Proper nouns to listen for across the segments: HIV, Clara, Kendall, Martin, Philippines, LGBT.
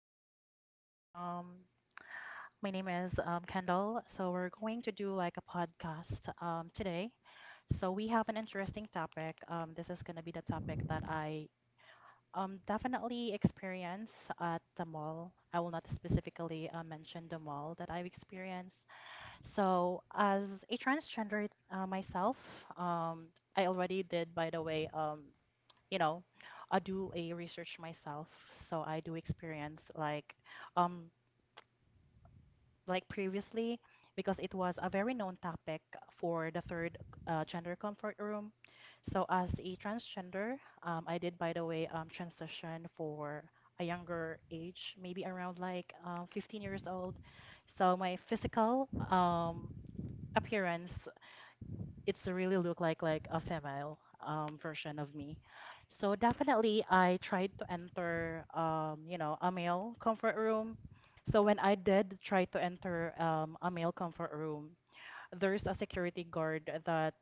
Hi everyone. My name is Kendall. So we're going to do like a podcast today. So we have an interesting topic. This is gonna be the topic that I definitely experience at the mall. I will not specifically mention the mall that I've experienced. So as a transgender myself, um, I already did, by the way. You know, I do a research myself, so I do experience um like previously because it was a very known topic for the third gender comfort room. So as a transgender, I did by the way transition for a younger age, maybe around like 15 years old. So my physical appearance it's really look like a female version of me. So definitely I tried to enter a male comfort room. So when I did try to enter a male comfort room, there's a security guard that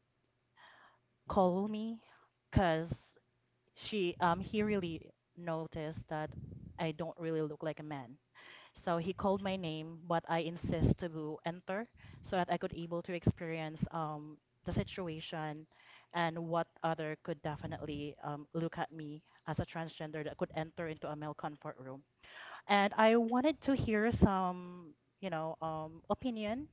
called Mhm. me because she he really noticed that I don't really look like a man. So he called my name, but I insist to enter so that I could able to experience the situation and what other could definitely look at me as a transgender that could enter into a male comfort room. And I wanted to hear some, opinion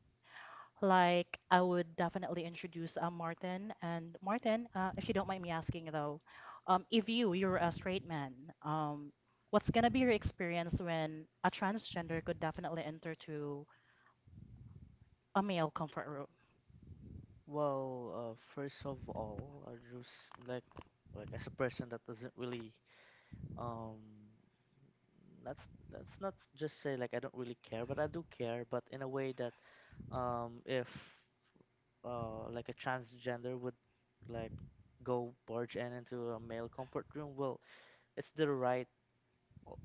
like, I would definitely introduce Martin. And Martin, if you don't mind me asking though, if you're a straight man, um, what's gonna be your experience when a transgender could definitely enter to a male comfort room? Well, first of all, I just like as a person that doesn't really um let's let's not just say like I don't really care, but I do care, but in a way that if like a transgender would like go barge in into a male comfort room, well, it's the right o-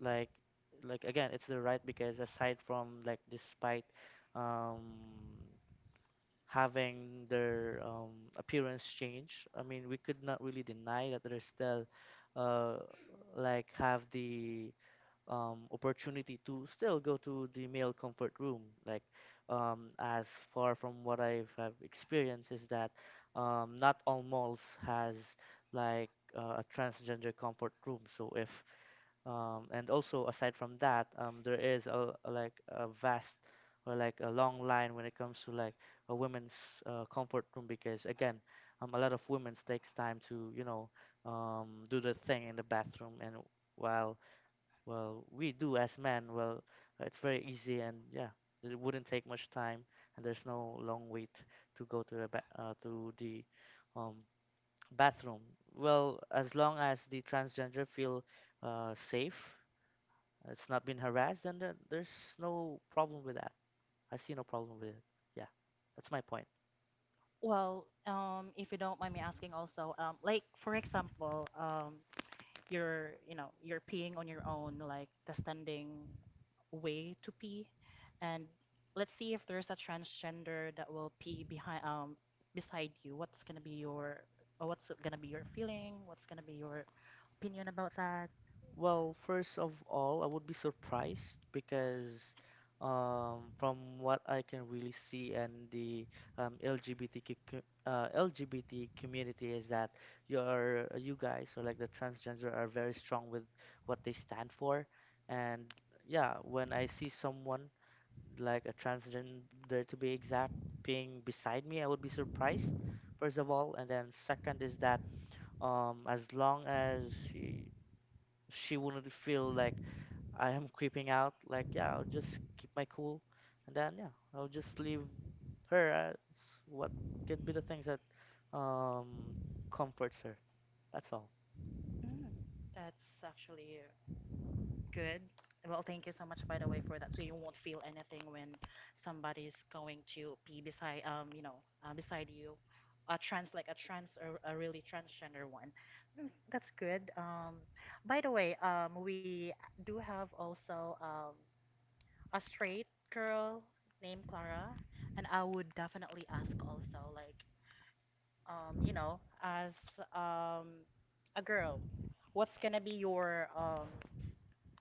like like again, it's the right because aside from like despite um having their appearance change. I mean, we could not really deny that they're still uh, like have the opportunity to still go to the male comfort room. Like, as far from what I have experienced is that not all malls has like a transgender comfort room. So if and also aside from that, there is like a vast or like a long line when it comes to like a women's comfort room because again, a lot of women's takes time to do the thing in the bathroom. And while, well, we do as men, well, it's very easy, and yeah, it wouldn't take much time, and there's no long wait to go to the to the um, bathroom, well, as long as the transgender feel safe, it's not been harassed, and there's no problem with that. I see no problem with it. Yeah, that's my point. Well, if you don't mind me asking also, like for example, you're you know you're peeing on your own like the standing way to pee and let's see if there's a transgender that will pee behind beside you, what's gonna be your or what's gonna be your feeling, what's gonna be your opinion about that? Well, first of all, I would be surprised because from what I can really see, and the LGBTQ LGBT community is that you guys, or like, the transgender are very strong with what they stand for. And yeah, when I see someone like a transgender to be exact, being beside me, I would be surprised, first of all. And then second is that as long as she wouldn't feel like I am creeping out, like, yeah, I'll just keep my cool. And then, yeah, I'll just leave her as what could be the things that um, comforts her. That's all. Mm, that's actually good. Well, thank you so much, by the way, for that. So you won't feel anything when somebody's going to be beside, beside you, a trans, like a trans or a really transgender one. Mm, that's good. By the way, we do have also a straight girl named Clara, and I would definitely ask also, like, as um, a girl, what's gonna be your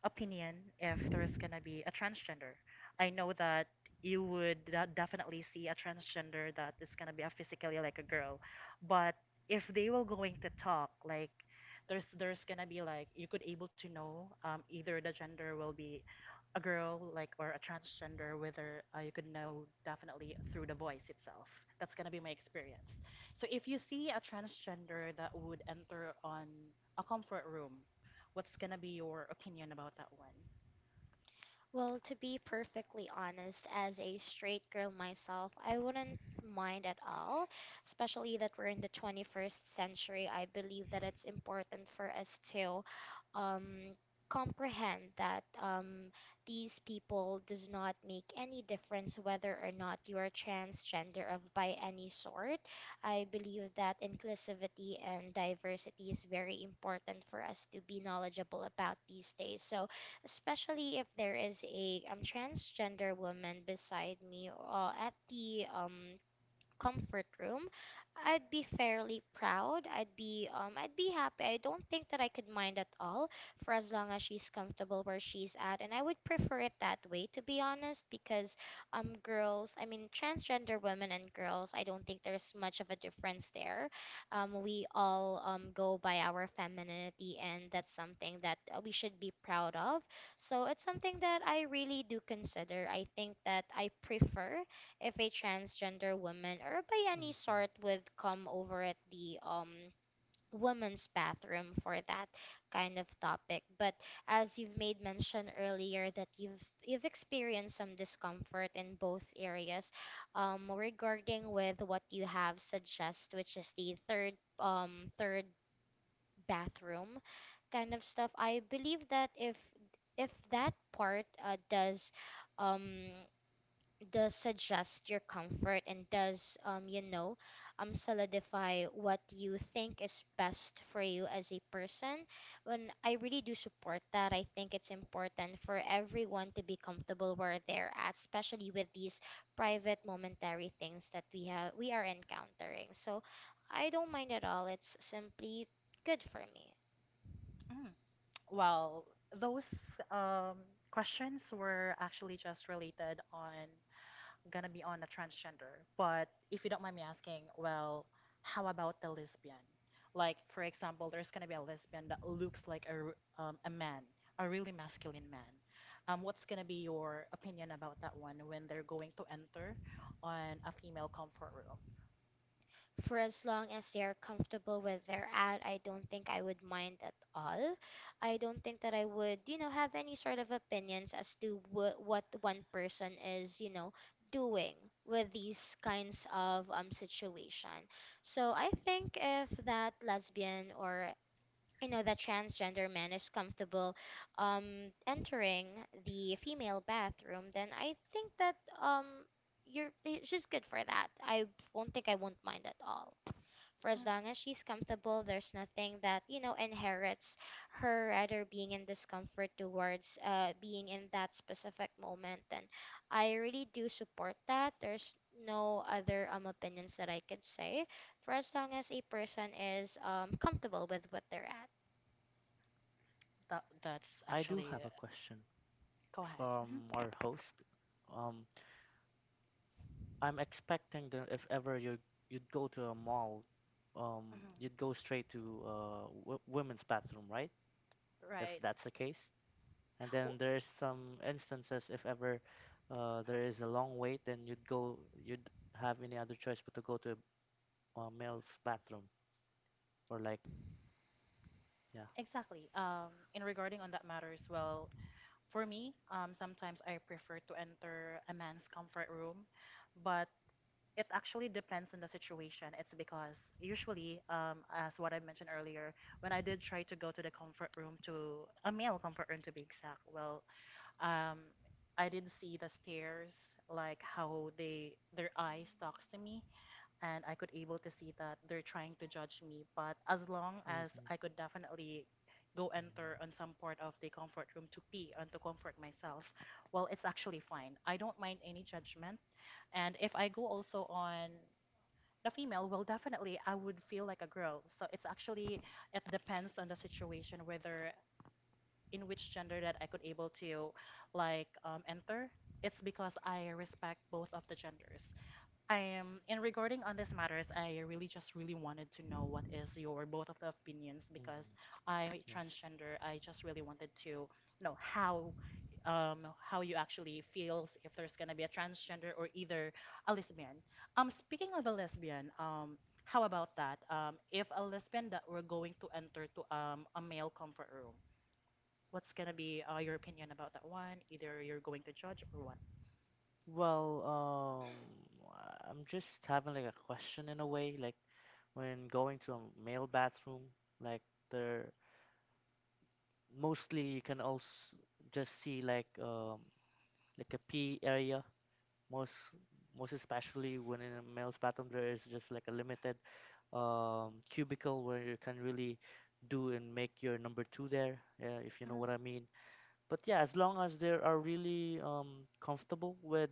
opinion if there's gonna be a transgender. I know that you would definitely see a transgender that is gonna be a physically like a girl, but if they were going to talk, like there's gonna be like you could able to know either the gender will be a girl like or a transgender, whether you could know definitely through the voice itself. That's going to be my experience. So if you see a transgender that would enter on a comfort room, what's going to be your opinion about that one? Well, to be perfectly honest, as a straight girl myself, I wouldn't mind at all, especially that we're in the 21st century. I believe that it's important for us to um, comprehend that these people does not make any difference whether or not you are transgender of by any sort. I believe that inclusivity and diversity is very important for us to be knowledgeable about these days. So especially if there is a transgender woman beside me at the comfort room, I'd be fairly proud. I'd be happy. I don't think that I could mind at all for as long as she's comfortable where she's at. And I would prefer it that way to be honest because girls, I mean transgender women and girls, I don't think there's much of a difference there. We all go by our femininity, and that's something that we should be proud of. So it's something that I really do consider. I think that I prefer if a transgender woman or by any sort hmm would come over at the women's bathroom for that kind of topic. But as you've made mention earlier that you've experienced some discomfort in both areas, regarding with what you have suggest, which is the third bathroom kind of stuff, I believe that if that part does um suggest your comfort and does solidify what you think is best for you as a person, when I really do support that, I think it's important for everyone to be comfortable where they're at, especially with these private momentary things that we are encountering. So I don't mind at all. It's simply good for me. Mm. Well, those um, questions were actually just related on gonna be on a transgender. But if you don't mind me asking, well, how about the lesbian? Like, for example, there's gonna be a lesbian that looks like a a man, a really masculine man. What's gonna be your opinion about that one when they're going to enter on a female comfort room? For as long as they are comfortable with their ad, I don't think I would mind at all. I don't think that I would have any sort of opinions as to what one person is doing with these kinds of situation. So I think if that lesbian or that transgender man is comfortable entering the female bathroom, then I think that um she's good for that. I won't mind at all for Mm. as long as she's comfortable. There's nothing that inherits her rather being in discomfort towards being in that specific moment. And I really do support that. There's no other opinions that I could say for as long as a person is comfortable with what they're at. That that's I do actually have a question go ahead. Mhm, from our host. Um, I'm expecting that if ever you you'd go to a mall, you'd go straight to women's bathroom, right? mhm. If Right. that's the case. And then W- there's some instances, if ever there is a long wait, then you'd have any other choice but to go to a, male's bathroom, or like, yeah. Exactly. In regarding on that matter as well, for me, sometimes I prefer to enter a man's comfort room, but it actually depends on the situation. It's because usually, as what I mentioned earlier, when I did try to go to the comfort room to a male comfort room to be exact, well, um, I did see the stares, like how they their Mm. eyes talks to me, and I could able to see that they're trying to judge me. But as long as Mm-hmm. I could definitely go Mm-hmm. enter on some part of the comfort room to pee and to comfort myself, well, it's actually fine. I don't mind any judgment. And if I go also on the female, well, definitely I would feel like a girl. So it's actually, it depends on the situation whether in which gender that I could able to like enter. It's because I respect both of the genders. I am, and regarding on these matters, I really just really wanted to know what is your both of the opinions because Mm-hmm. I Yes. transgender. I just really wanted to know how you actually feels if there's gonna be a transgender or either a lesbian. Speaking of a lesbian, how about that? If a lesbian that were going to enter to a male comfort room, what's gonna be your opinion about that one? Either you're going to judge or what? Well, I'm just having like a question in a way, like when going to a male bathroom, like there, mostly you can also just see like a pee area, most most especially when in a male's bathroom there is just like a limited cubicle where you can really do and make your number two there, yeah, if you know Mhm. what I mean. But yeah, as long as they are really comfortable with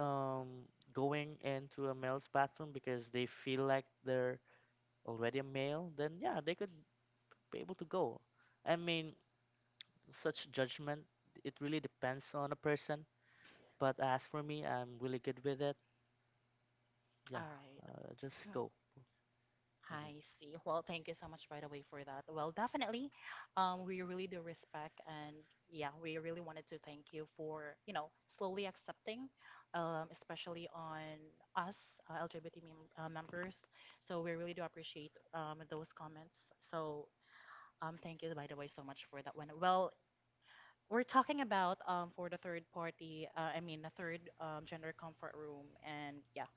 um, going into a male's bathroom because they feel like they're already a male, then yeah, they could be able to go. I mean, such judgment, it really depends on a person, but as for me, I'm really good with it. All Yeah, right. Just go. I hmm see. Well, thank you so much, by the way, for that. Well, definitely, we really do respect, and yeah, we really wanted to thank you for, you know, slowly accepting, especially on us, LGBT members. So we really do appreciate those comments. So thank you, by the way, so much for that one. Well, we're talking about for the third party, I mean the third gender comfort room, and yeah,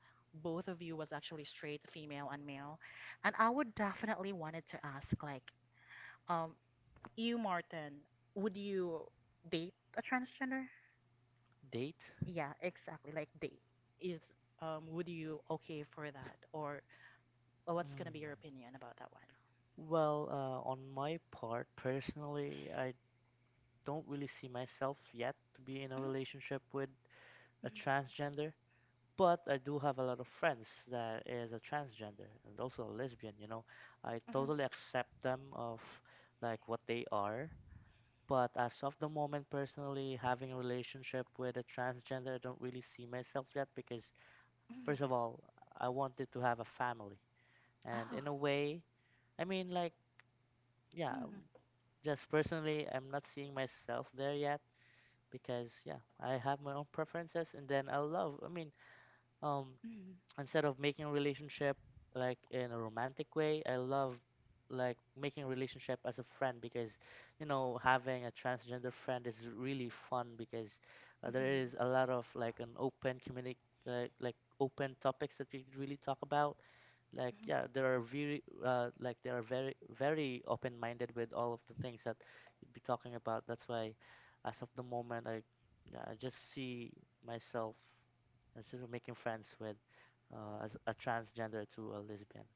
both of you was actually straight, female and male, and I would definitely wanted to ask like, um, you Martin, would you date a transgender? Date? Yeah, exactly. Like date is would you okay for that, or well, what's gonna be mm. your opinion about that one? Well, on my part personally, I don't really see myself yet to be in a Mhm, relationship with a mhm, transgender, but I do have a lot of friends that is a transgender, and also a lesbian. You know, I mhm, totally accept them of like what they are. But as of the moment, personally, having a relationship with a transgender, I don't really see myself yet because, mhm. first of all, I wanted to have a family. And Oh, in a way, I mean, like, yeah, mhm, just personally, I'm not seeing myself there yet because, yeah, I have my own preferences. And then I love, I mean, um, mhm. instead of making a relationship like in a romantic way, I love like making a relationship as a friend, because you know, having a transgender friend is really fun, because there Mhm. is a lot of like an open community, like open topics that we could really talk about. Like, Mhm. yeah, there are very like they are very very open-minded with all of the things that you'd be talking about. That's why as of the moment, I, yeah, I just see myself as just making friends with as a transgender to a lesbian.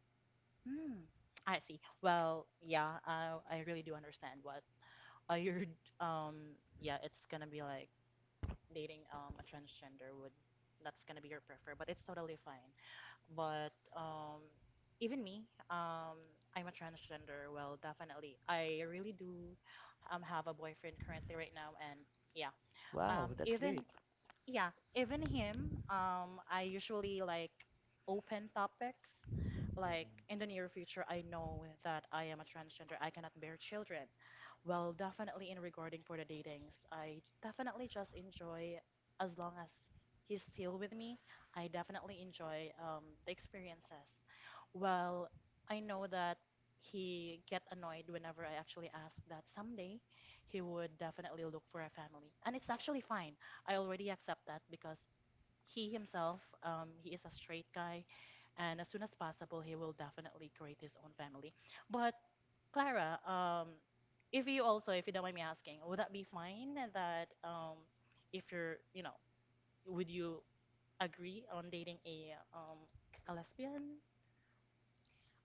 Mm, I see. Well, yeah, I really do understand what you're yeah, it's gonna be like dating a transgender would that's gonna be your prefer, but it's totally fine. But even me, I'm a transgender. Well, definitely. I really do have a boyfriend currently right now and yeah. Wow, that's even, great. yeah, even him, I usually like open topics. Like in hmm the near future, I know that I am a transgender. I cannot bear children. Well, definitely in regarding for the datings, I definitely just enjoy as long as he's still with me. I definitely enjoy the experiences. Well, I know that he get annoyed whenever I actually ask that someday he would definitely look for a family, and it's actually fine. I already accept that because he himself, he is a straight guy, and as soon as possible, he will definitely create his own family. But Clara, if you also, if you don't mind me asking, would that be fine that if you're, you know, would you agree on dating a lesbian?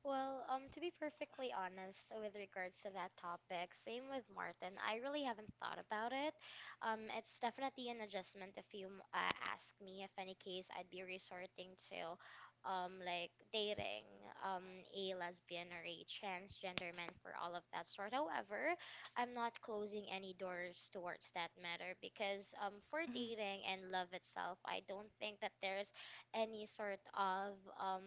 Well, to be perfectly honest with regards to that topic, same with Martin. I really haven't thought about it. It's definitely an adjustment if you ask me. If any case, I'd be resorting to, like dating, a lesbian or a transgender man for all of that sort. However, I'm not closing any doors towards that matter because, for Mhm. dating and love itself, I don't think that there's any sort of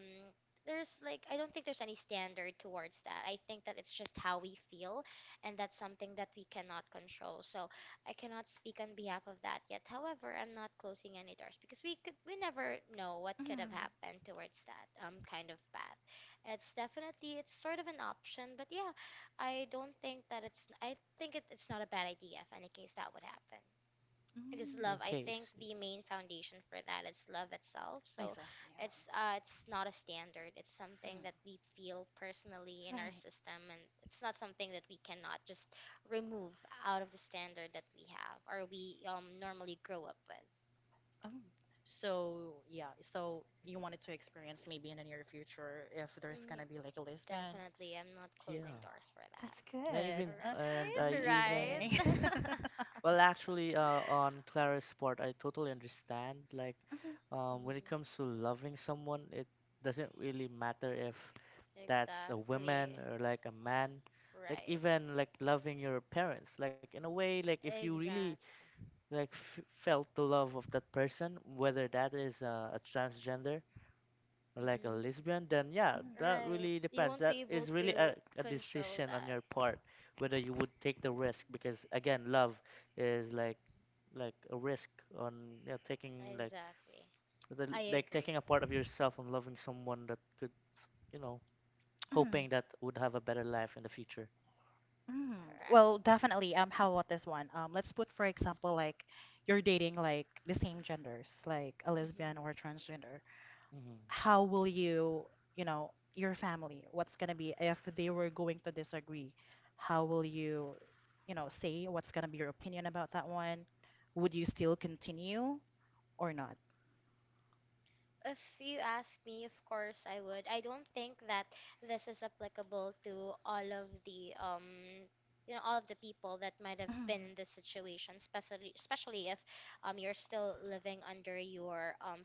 there's like I don't think there's any standard towards that. I think that it's just how we feel, and that's something that we cannot control. So I cannot speak on behalf of that yet. However, I'm not closing any doors because we never know what could have Mhm. happened towards that kind of path. It's sort of an option, but yeah, I don't think that it's I think it's not a bad idea if any case that would happen is Mm. love. in I think case. the main foundation for that is love itself. So Exactly. it's not a standard. It's something Mhm. that we feel personally in our Right. system, and it's not something that we cannot just remove out of the standard that we have or we normally grow up with. Um, so yeah, so you wanted to experience maybe in the near future if there's Mm, y- gonna be like a lesbian. Definitely, I'm not closing Yeah. doors for that. That's and i good. even and Right, i even Amazing. right. Well, actually, on Clara's part, I totally understand. Like, Mhm, when it Mhm. comes to loving someone, it doesn't really matter if that's a woman Exactly. or like a man. Like, Right. even like loving your parents. Like, in a way, like if you really Exactly. like f felt the love of that person, whether that is a transgender like a Hmm. lesbian, then yeah, that Right. really You depends. won't That be able is really to a control decision on that. your part, whether you would take the risk, because again, love is like a risk on, yeah, taking like Exactly. I like agree. taking a part of yourself and loving someone that could, you know, mhm, mhm. hoping that would have a better life in the future. Mm, Correct. well, definitely. How about this one? Let's put, for example, like you're dating like the same genders, like a lesbian Hmm. or a transgender. hmm How will you, you know, your family, what's going to be if they were going to disagree? How will you, you know, say what's going to be your opinion about that one? Would you still continue or not? If you ask me, of course I would. I don't think that this is applicable to all of the people that might have been in this situation, especially if you're still living under your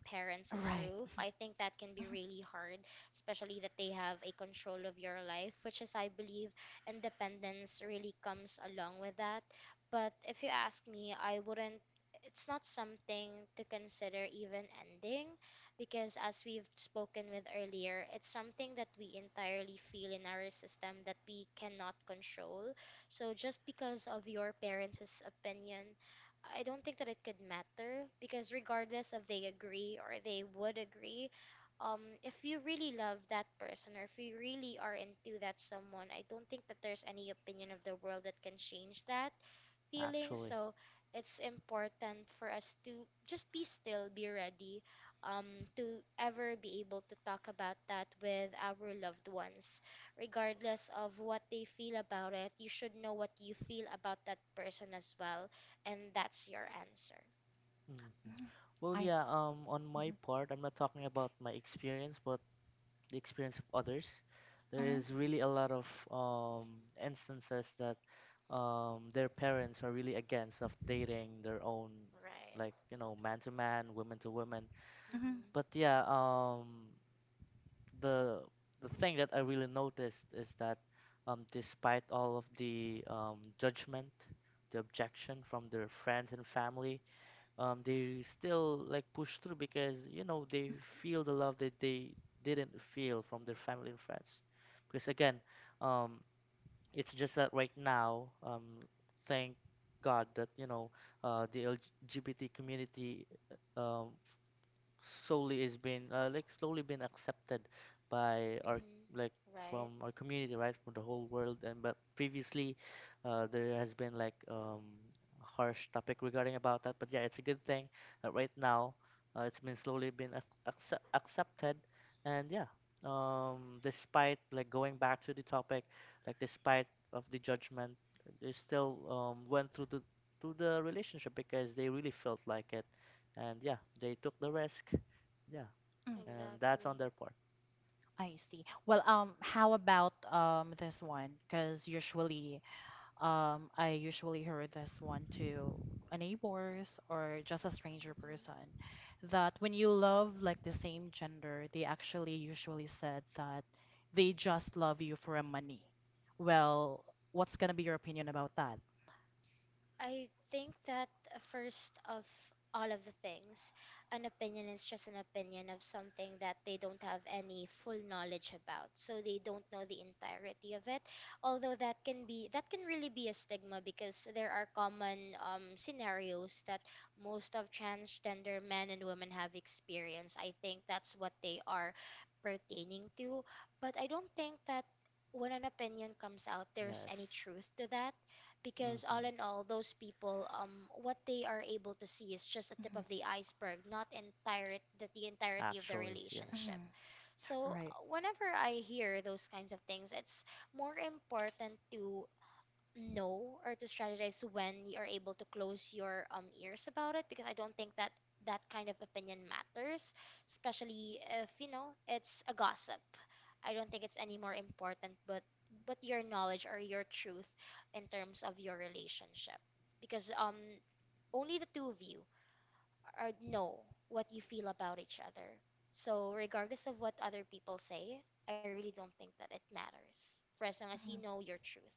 Mhm. parents' Right. roof. I think that can be Mhm, really hard, especially that they have a control of your life, which is I believe independence really comes along with that. But if you ask me, I wouldn't it's not something to consider even ending, because as we've spoken with earlier, it's something that we entirely feel in our system that we cannot control. So just because of your parents' opinion, I don't think that it could matter, because regardless if they agree or they would agree, if you really love that person or if you really are into that someone, I don't think that there's any opinion of the world that can change that feeling. Actually. So it's important for us to just be still, be ready to ever be able to talk about that with our loved ones. Regardless of what they feel about it, you should know what you feel about that person as well. And that's your answer. mhm, hmm mhm. Well, I. yeah. On my part, I'm not talking about my experience, but the experience of others. Mhm, There mhm, is Mhm. really a lot of instances that their parents are really against of dating their own, Right. like you know, man to man, woman to woman. mhm, But Mm-hmm. yeah, the the thing that I really noticed is that despite all of the judgment, the objection from their friends and family, they still like push through, because you know, they feel the love that they didn't feel from their family and friends. Because again, um, it's just that right now, thank God that you know the LGBT community uh, um, slowly is being like slowly being accepted by our, Mm-hmm. like, Right. from our community, right, from the whole world. And but previously there has been like harsh topic regarding about that, but yeah, it's a good thing that right now it's been slowly been accepted. And yeah, despite, like, going back to the topic, like, despite of the judgment, they still went through the, to the relationship because they really felt like it, and yeah, they took the risk. Yeah, mhm. and that's on Exactly. their part. I see. Well, how about this one? Because usually, I usually heard this one to a neighbors or just a stranger person that when you love like the same gender, they actually usually said that they just love you for a money. Well, what's gonna be your opinion about that? I think that first of all of the things, an opinion is just an opinion of something that they don't have any full knowledge about. So they don't know the entirety of it. Although that can really be a stigma because there are common scenarios that most of transgender men and women have experienced. I think that's what they are pertaining to. But I don't think that when an opinion comes out, there's any Yes. truth to that, because all hmm in all those people what they are able to see is just a tip Mhm. of the iceberg, not the entirety of the Actually, yes. relationship. Mhm. So Right. Whenever I hear those kinds of things, it's more important to know or to strategize when you are able to close your ears about it, because I don't think that that kind of opinion matters, especially if you know it's a gossip. I don't think it's any more important, but your knowledge or your truth in terms of your relationship, because only the two of you are know what you feel about each other. So regardless of what other people say, I really don't think that it matters, for as long as you Mhm. know your truth.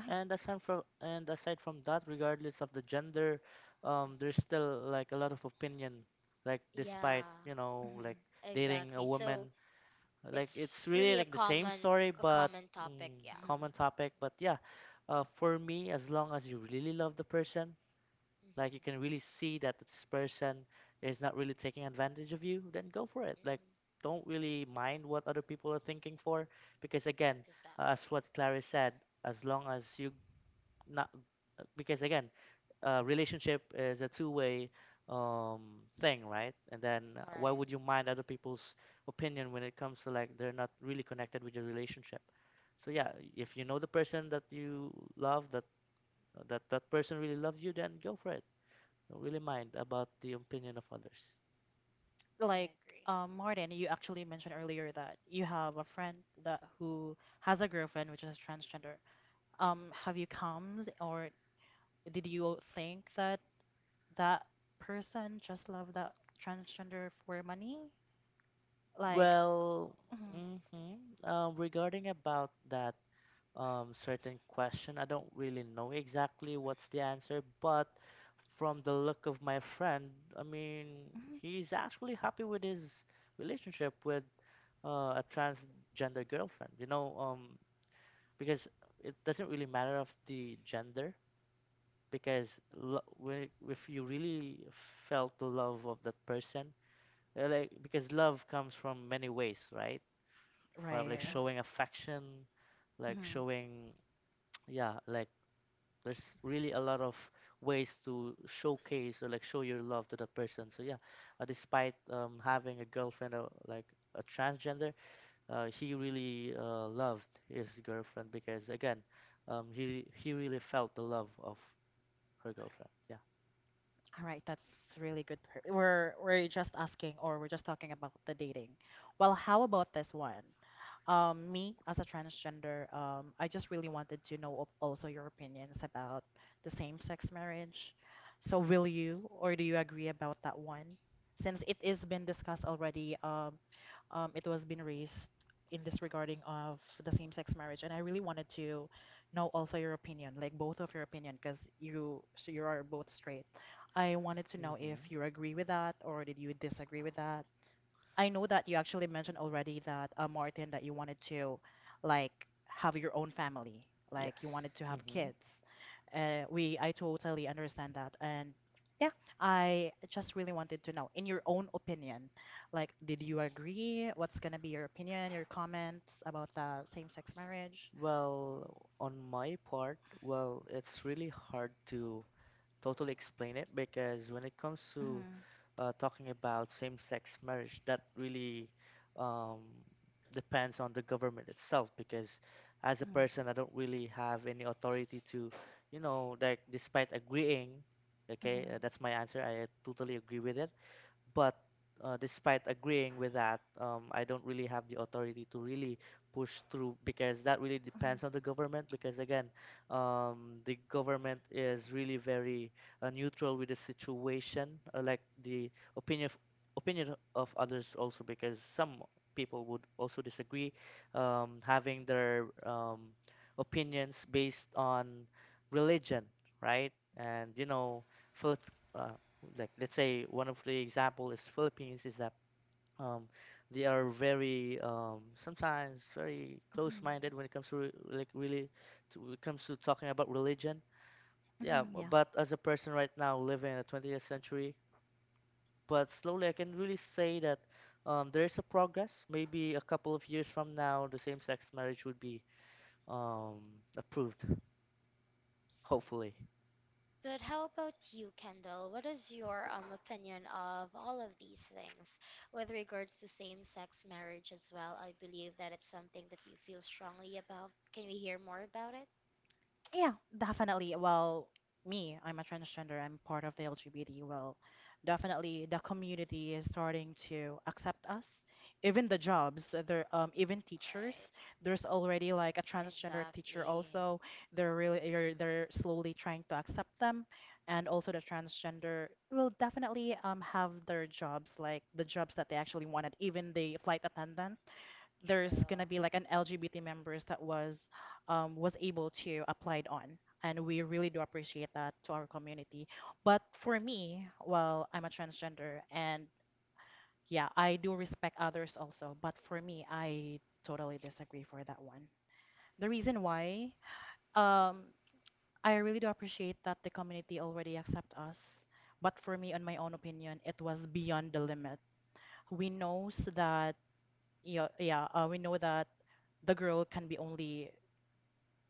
Mhm. And aside from, and aside from that, regardless of the gender, there's Mhm. still like a lot of opinion, like despite, Yeah, you know, like Mhm. dating a exactly. So woman, like, it's it's really really a like the same common story. a But common topic, mm, yeah. Mhm. common topic. But yeah, for me, as long as you really love the person, like you can Mm-hmm. really see that this person is not really taking advantage of you, then go for it. Like, Mm-hmm. don't really mind what other people are thinking for, because again, as Exactly. what Clarice said, as long as you, not, because again, relationship is a two-way um, thing, right? And then why Right. would you mind other people's opinion when it comes to like they're not really connected with your relationship? So Mm, yeah, if you know the person that you love, that that person really loves you, then go for it. Don't really mind about the opinion of others. I Like agree. Martin, you actually mentioned earlier that you have a friend that who has a girlfriend which is transgender. Have you come or did you think that that person just loved that transgender for money? Like, Well, mhm, mm-hmm. Regarding about that certain question, I don't really know exactly what's the answer, but from the look of my friend, I mean, mhm. he's actually happy with his relationship with a transgender girlfriend. You know, because it doesn't really matter of the gender. Because when if you really felt the love of that person. Like because love comes from many ways, right? From like Right. True. showing affection, like Mhm. showing, yeah, like there's really a lot of ways to showcase or like show your love to that person. So yeah, despite having a girlfriend, or like a transgender, he really loved his girlfriend, because again, he really felt the love of her girlfriend. Yeah. All right, that's really good. Per- we're just asking or we're just talking about the dating. Well, how about this one? Me as a transgender, I just really wanted to know also your opinions about the same-sex marriage. So will you or do you agree about that one? Since it is been discussed already, it was been raised in this regarding of the same-sex marriage, and I really wanted to know also your opinion, like both of your opinion, because you so you are both straight. I wanted to know if Mm-hmm. you agree with that or did you disagree with that? I know that you actually mentioned already that, Martin, that you wanted to like have your own family, like you Yes. wanted to have Mm-hmm. kids. I totally understand that. And yeah, I just really wanted to know, in your own opinion, like, did you agree? What's gonna be your opinion, your comments about the same-sex marriage? Well, on my part, well, it's really hard to totally explain it, because when it comes to Mhm. Talking about same-sex marriage, that really um, depends on the government itself. Because as a Mhm. person, I don't really have any authority to, you know, like despite agreeing, okay, Mhm. That's my answer. I totally agree with it. But despite agreeing with that, I don't really have the authority to really push through, because that really depends on the government. Because again, the government is really very neutral with the situation, like the opinion of, opinion of others also. Because some people would also disagree, having their opinions based on religion, right? And you know, Philip. uh, like, let's say one of the example is Philippines is that um, they are very sometimes very Mhm. close-minded Mhm. when it comes to like really when it comes to talking about religion. Yeah, Mhm. Yeah. but as a person right now living in the 20th century, but slowly I can really say that there is a progress. Maybe a couple of years from now, the same-sex marriage would be um, approved, hopefully. But how about you, Kendall? What is your opinion of all of these things with regards to same-sex marriage as well? I believe that it's something that you feel strongly about. Can we hear more about it? Yeah, definitely. Well, me, I'm a transgender. I'm part of the LGBT. Well, definitely the community is starting to accept us. Even the jobs, even teachers. Right. There's already like a transgender teacher Exactly. also. They're slowly trying to accept them. And also the transgender will definitely have their jobs, like the jobs that they actually wanted, even the flight attendants there's True. gonna be like an LGBT members that was able to applied on, and we really do appreciate that to our community. But for me, well, I'm a transgender, and yeah, I do respect others also. But for me, I totally disagree for that one. The reason why, um, I really do appreciate that the community already accept us. But for me, on my own opinion, it was beyond the limit. We knows that yeah, yeah. We know that the girl can be only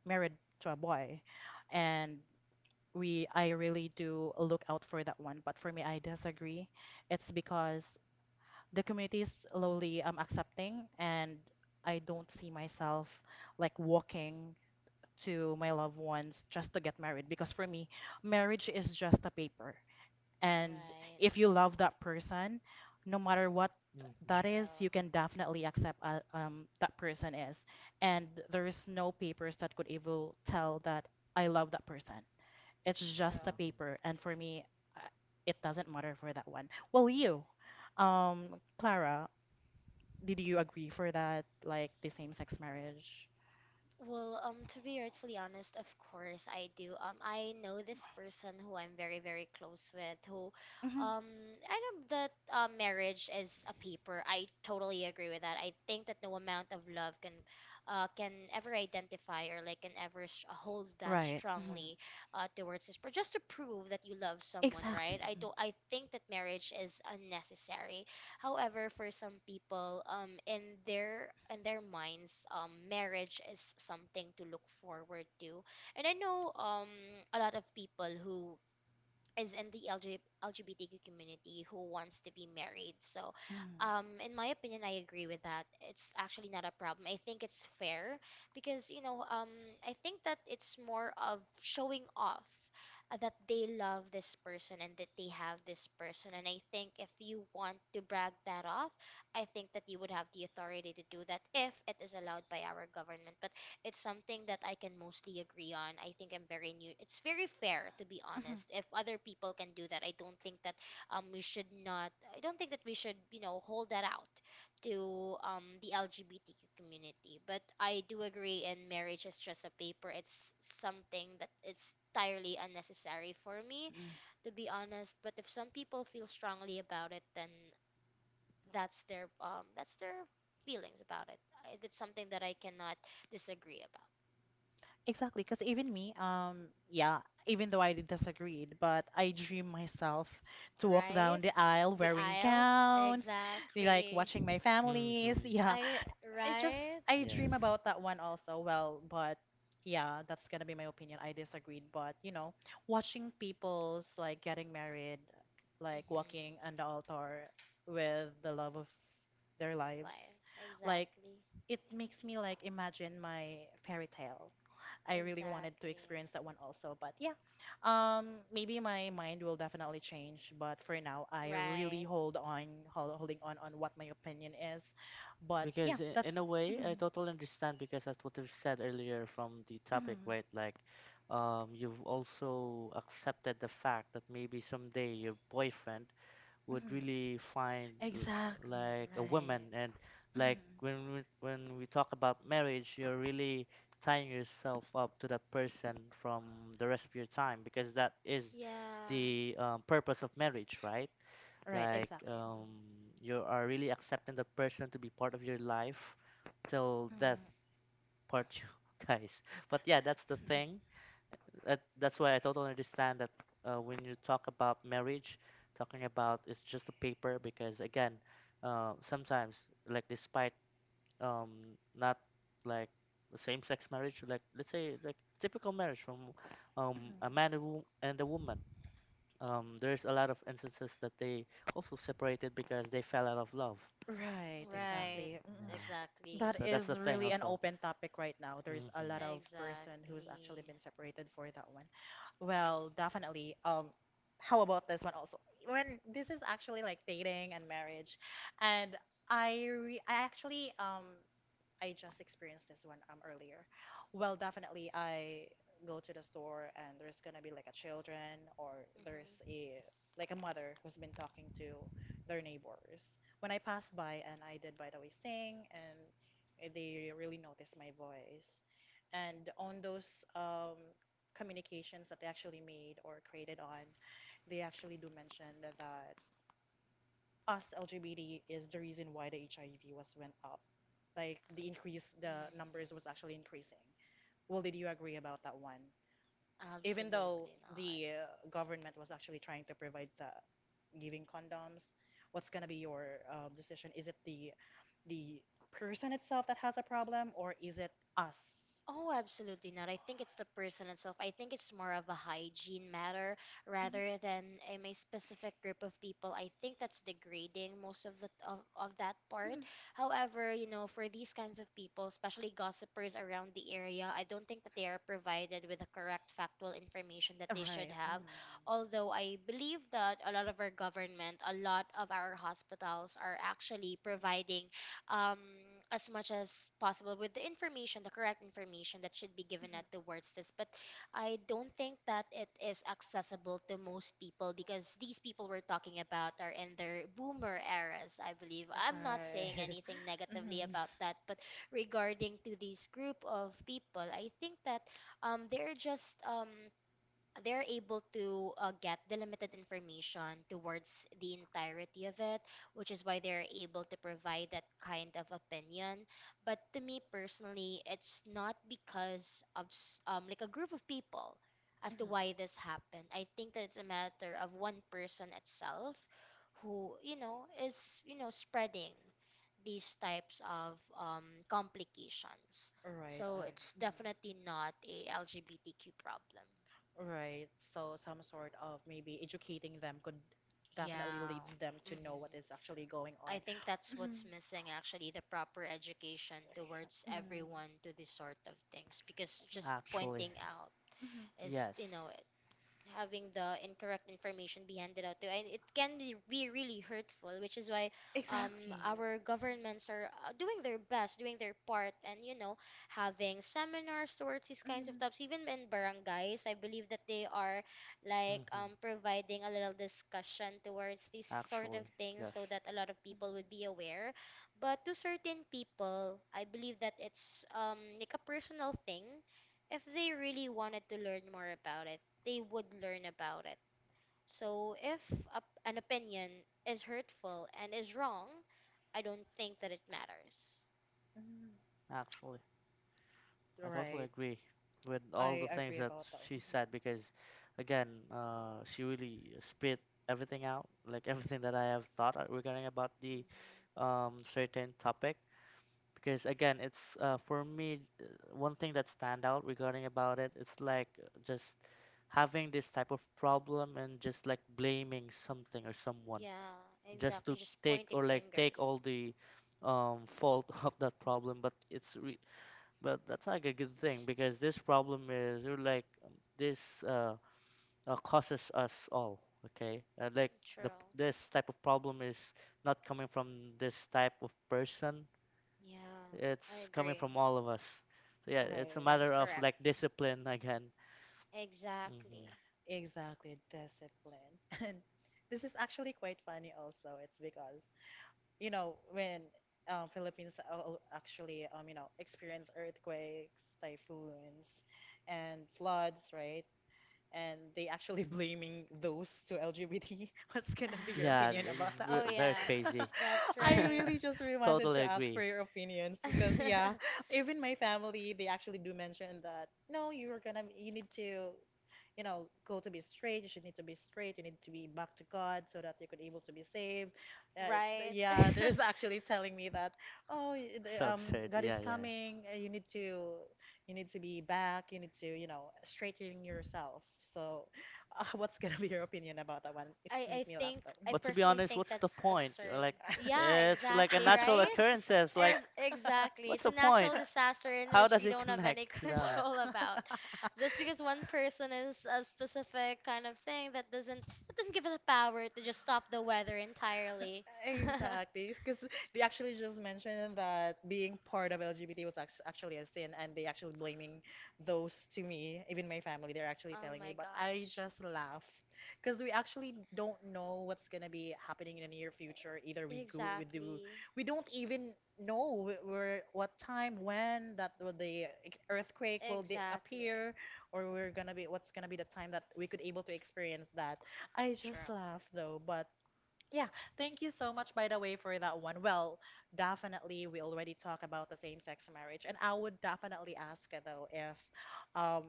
married to a boy, and we I really do look out for that one. But for me, I disagree. It's because the community is slowly accepting, and I don't see myself like walking to my loved ones just to get married. Because for me, marriage is just a paper. And Right. if you love that person, no matter what hmm that is, True. you can definitely accept that person is. And there is no papers that could even tell that I love that person. It's just a True. paper. And for me, uh, it doesn't matter for that one. Well, you, Clara, did you agree for that, like the same-sex marriage? Well, to be rightfully honest, of course I do. I know this person who I'm very, very close with, who, Hmm. um, I know that marriage is a paper. I totally agree with that. I think that no amount of love can ever identify, or like can ever sh hold that Right. Hmm. strongly towards this. But just to prove that you love someone, right? Exactly. I Mhm. don't. I think that marriage is unnecessary. However, for some people, in their minds, marriage is something to look forward to. And I know a lot of people who is in the LGBTQ community who wants to be married. So, Mhm. In my opinion, I agree with that. It's actually not a problem. I think it's fair because, I think that it's more of showing off, that they love this person and that they have this person. And I think if you want to brag that off, I think that you would have the authority to do that if it is allowed by our government. But it's something that I can mostly agree on. I think I'm very new. It's very fair, to be Mhm. honest. If other people can do that, I don't think that we should not. I don't think that we should hold that out to the LGBTQ community. But I do agree. And marriage is just a paper. It's something that it's entirely unnecessary for me, Mm. to be honest. But if some people feel strongly about it, then that's their feelings about it. That's something that I cannot disagree about. Exactly, because even me, yeah, even though I disagreed, but I dream myself to walk Right? down the aisle The wearing aisle, gowns, like exactly. watching my hmm families, hmm yeah, I I just Right? I Yes. dream about that one also. Well, but yeah, that's gonna be my opinion. I disagreed, but you know, watching people's like getting married, like Mhm. walking on the altar with the love of their lives, Right. like Exactly. it makes me like imagine my fairy tale. I really wanted to Exactly. experience that one also, but yeah, maybe my mind will definitely change. But for now, I really Right. Holding on what my opinion is but yeah, Because that's. in a way, I Mhm, totally understand because that's what we've said earlier from the topic, mhm, right? Like, you've also accepted the fact that maybe someday your boyfriend would mhm. really find Exactly, like a woman, right. and like Mhm. When we talk about marriage, you're really tying yourself up to that person from the rest of your time because that is Yeah. the purpose of marriage, right? Right, Like exactly. You are really accepting the person to be part of your life till Mhm, death mhm, part you guys. But yeah, that's the thing. That's why I totally understand that when you talk about marriage, talking about it's just a paper because again, sometimes like despite not like same-sex marriage, like let's say like typical marriage from mhm. a man and a woman. There's a lot of instances that they also separated because they fell out of love. Right, hmm Right. exactly. Mm-hmm. Yeah. Exactly. That So that's is the thing really an also. open topic right now. There's a lot of hmm person who's Exactly. actually been separated for that one. Well, definitely. How about this one also? When this is actually like dating and marriage, and I actually I just experienced this one earlier. Well, definitely I go to the store and there's gonna be like a children or there's Mhm. a like a mother who's been talking to their neighbors. When I passed by and I did by the way sing and they really noticed my voice. And on those communications that they actually made or created on, they actually do mention that us LGBT is the reason why the HIV was went up. Like the increase, the Mm. numbers was actually increasing. Well, did you agree about that one? Even Absolutely though not. the government was actually trying to provide the giving condoms, what's gonna be your decision? Is it the person itself that has a problem, or is it us? Oh, absolutely not. I think it's the person itself. I think it's more of a hygiene matter rather than a specific group of people. I think that's degrading most of that part. However, for these kinds of people, especially gossipers around the area, I don't think that they are provided with the correct factual information that they should Right. have. Mm. Although I believe that a lot of our government, a lot of our hospitals are actually providing um, as much as possible with the information, the correct information that should be given out towards this. But I don't think that it is accessible to most people because these people we're talking about are in their boomer eras, I believe. Mhm. I'm not saying Right. anything negatively about that, but regarding to this group of people, I think that um, they're just um, they're able to get the limited information towards the entirety of it, which is why they're able to provide that kind of opinion. But to me personally, it's not because of like a group of people as to why this happened. I think that it's a matter of one person itself who is spreading these types of complications. Right. So it's definitely not a LGBTQ problem. Right. So some sort of maybe educating them could definitely Yeah. leads them to know hmm what is actually going I on. think that's what's missing, actually the proper education towards Mhm. everyone to this sort of things, because just Actually, pointing out Mhm. Mhm. is yes. you know having the incorrect information be handed out to, and it can be really hurtful, which is why Exactly. our governments are doing their best, doing their part, and having seminars towards these kinds of Mhm. topics, even in barangays. I believe that they are like hmm providing a little discussion towards these sort of Actually, things yes. so that a lot of people would be aware. But to certain people, I believe that it's like a personal thing. If they really wanted to learn more about it, they would learn about it. So if a, an opinion is hurtful and is wrong, I don't think that it matters. Actually, I totally Right. agree with all I the things agree that about that. she said because, again, she really spit everything out, like everything that I have thought regarding about Mhm. the certain topic. Because again, it's for me, one thing that stand out regarding about it, it's like just having this type of problem and just like blaming something or someone Yeah, just exactly. to Just take pointing or like take all fingers. the fault of that problem, but but that's not a good thing It's because this problem is or like this causes us all okay like true. the this type of problem is not coming from this type of person, Yeah, I it's coming agree. from all of us. So yeah, Mhm. it's a Right. That's matter of correct. like discipline again. hmm Exactly. Exactly, discipline. And this is actually quite funny also. It's because, you know, when Philippines actually, you know, experience earthquakes, typhoons, and floods, right? And they actually blaming those to LGBT. What's gonna be your Yeah, opinion about that? Oh very yeah, crazy. that's I right. really just really wanted Totally to ask for agree. your opinions because yeah, even my family they actually do mention that no, you need to you know go to be straight. You should need to be straight. You need to be back to God so that you could able to be saved. Right. Yeah, there's actually telling me that oh, the, So absurd. God Yeah, is yeah, yeah. coming. You need to be back. You need to you know straighten yourself. So, what's gonna be your opinion about that one? It I make I me laugh think though. I But to be personally honest, think what's the that's point? Absurd. Like, Yeah, it's like a exactly, natural right? occurrences. Like, As exactly. what's It's the a point? natural disaster in How which does we it don't have connect? any To be honest. control about. Just because one person is a specific kind of thing, that doesn't give us the power to just stop the weather entirely. Exactly, because they actually just mentioned that being part of LGBT was actually a sin, and they actually blaming those to me, even my family. They're actually Oh telling me, my but I gosh. just laugh because we actually don't know what's gonna be happening in the near future. Either we go, we do, Exactly. we don't even know where, what time, when that will the earthquake will Exactly. appear, or we're gonna be what's gonna be the time that we could able to experience that. I just True. laugh though, but yeah, thank you so much by the way for that one. Well, definitely we already talked about the same-sex marriage, and I would definitely ask though if um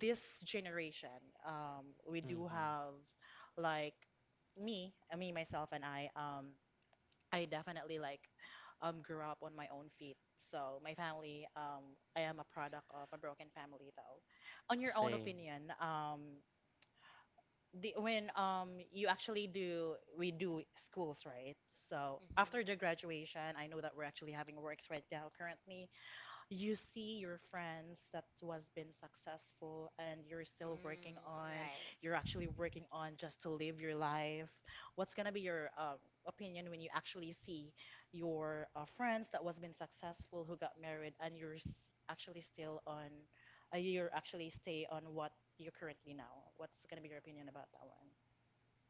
this generation we do hmm have like me, me myself and I definitely like grew up on my own feet. So my family I am a product of a broken family though. On your own Same. opinion, the, when you actually do we do schools right so Mhm. after the graduation I know that we're actually having works right now currently you see your friends that was been successful and you're still working Mm, on right. you're actually working on just to live your life what's going to be your opinion when you actually see your friends that was been successful who got married and actually still on you're actually stay on what you're currently now what's going to be your opinion about that one?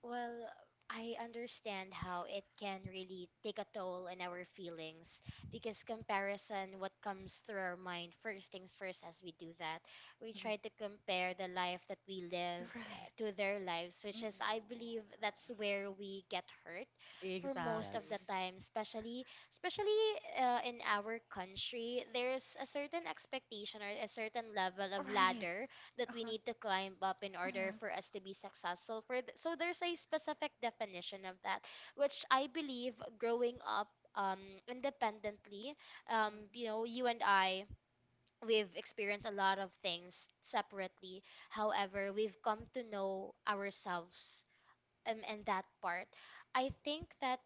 Well, I understand how it can really take a toll on our feelings, because comparison, what comes through our mind, first things first, as we do that, we Mhm. try to compare the life that we live Right. to their lives, which Mm-mm. is, I believe, that's where we get hurt for most of Exactly. the Yes. time, especially in our country. There's a certain expectation, or a certain level of Right. ladder that we Uh-huh. Mhm. need to climb up in order Mm. for us to be successful, so there's a specific definition of that, which I believe, growing up um, independently, you know, you and I, we've experienced a lot of things separately. However, we've come to know ourselves, and that part, I think that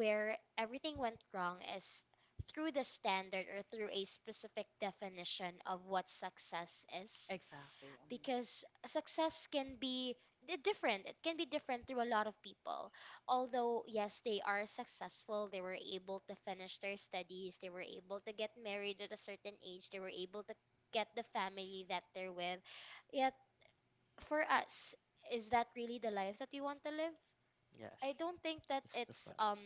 where everything went wrong is through the standard, or through a specific definition of what success is, Exactly. Mhm. because success can be different. It can be different to a lot of people. Although, yes, they are successful, they were able to finish their studies, they were able to get married at a certain age, they were able to get the family that they're with. Yet, for us, is that really the life that we want to live? Yes. I don't think that It's it's different. um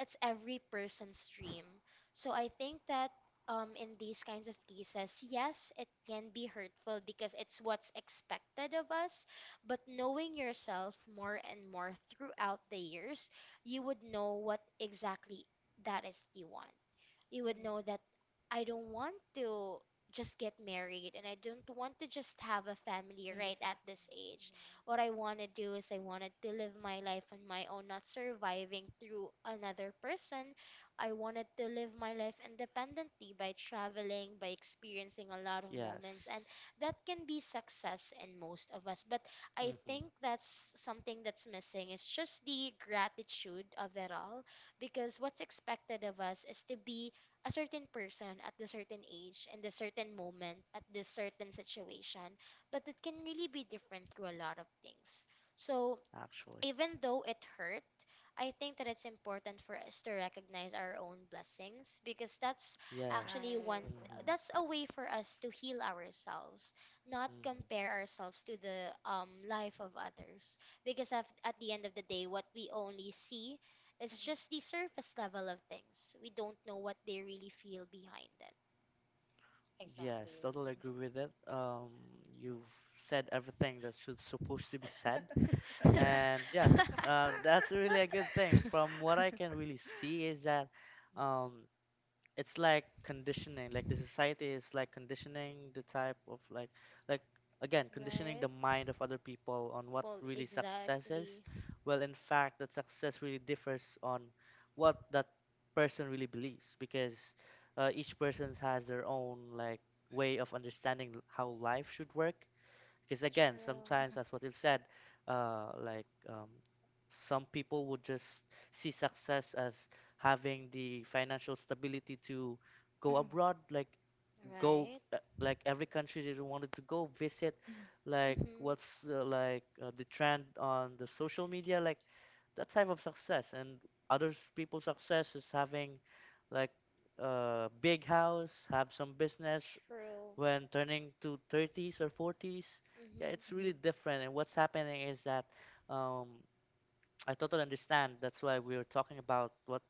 it's every person's dream. So I think that in these kinds of cases, yes, it can be hurtful because it's what's expected of us, but knowing yourself more and more throughout the years, you would know what exactly that is you want. You would know that I don't want to just get married, and I don't want to just have a family right at this age. What I want to do is I wanted to live my life on my own, not surviving through another person. I wanted to live my life independently, by traveling, by experiencing a lot of Yes. moments, and that can be success in most of us. But I hmm think that's something that's missing. It's just the gratitude of it all, because what's expected of us is to be a certain person at the certain age and the certain moment at this certain situation, but it can really be different through a lot of things. So Actually. even though it hurt, I think that it's important for us to recognize our own blessings, because that's Yes. actually one, Exactly. hmm Right. hmm that's a way for us to heal ourselves, not compare ourselves to the life of others, because at the end of the day, what we only see is just the surface level of things. We don't know what they really feel behind Yes, Exactly. totally Mhm. agree with it. You've said everything that should supposed to be said, it. and yeah, that's really a good thing. From what I can really see is that, um, it's like conditioning, like the society is like conditioning the type of like again conditioning the Right? mind of other people on what Well, really success is, exactly. well in fact that success really differs on what that person really believes because each person has their own like way of understanding how life should work, because again True. sometimes as what you've said, uh like um some people would just see success as having the financial stability to go Mhm. abroad, like go Right? Like every country they wanted to go visit, Mhm. like Mm-hmm. what's the trend on the social media, like that type of success, and other people's success is having like a big house, have some business True. when turning to 30s or 40s. Yeah, Mm-hmm. it's really different, and what's happening is that um, I totally understand, that's why we are talking about what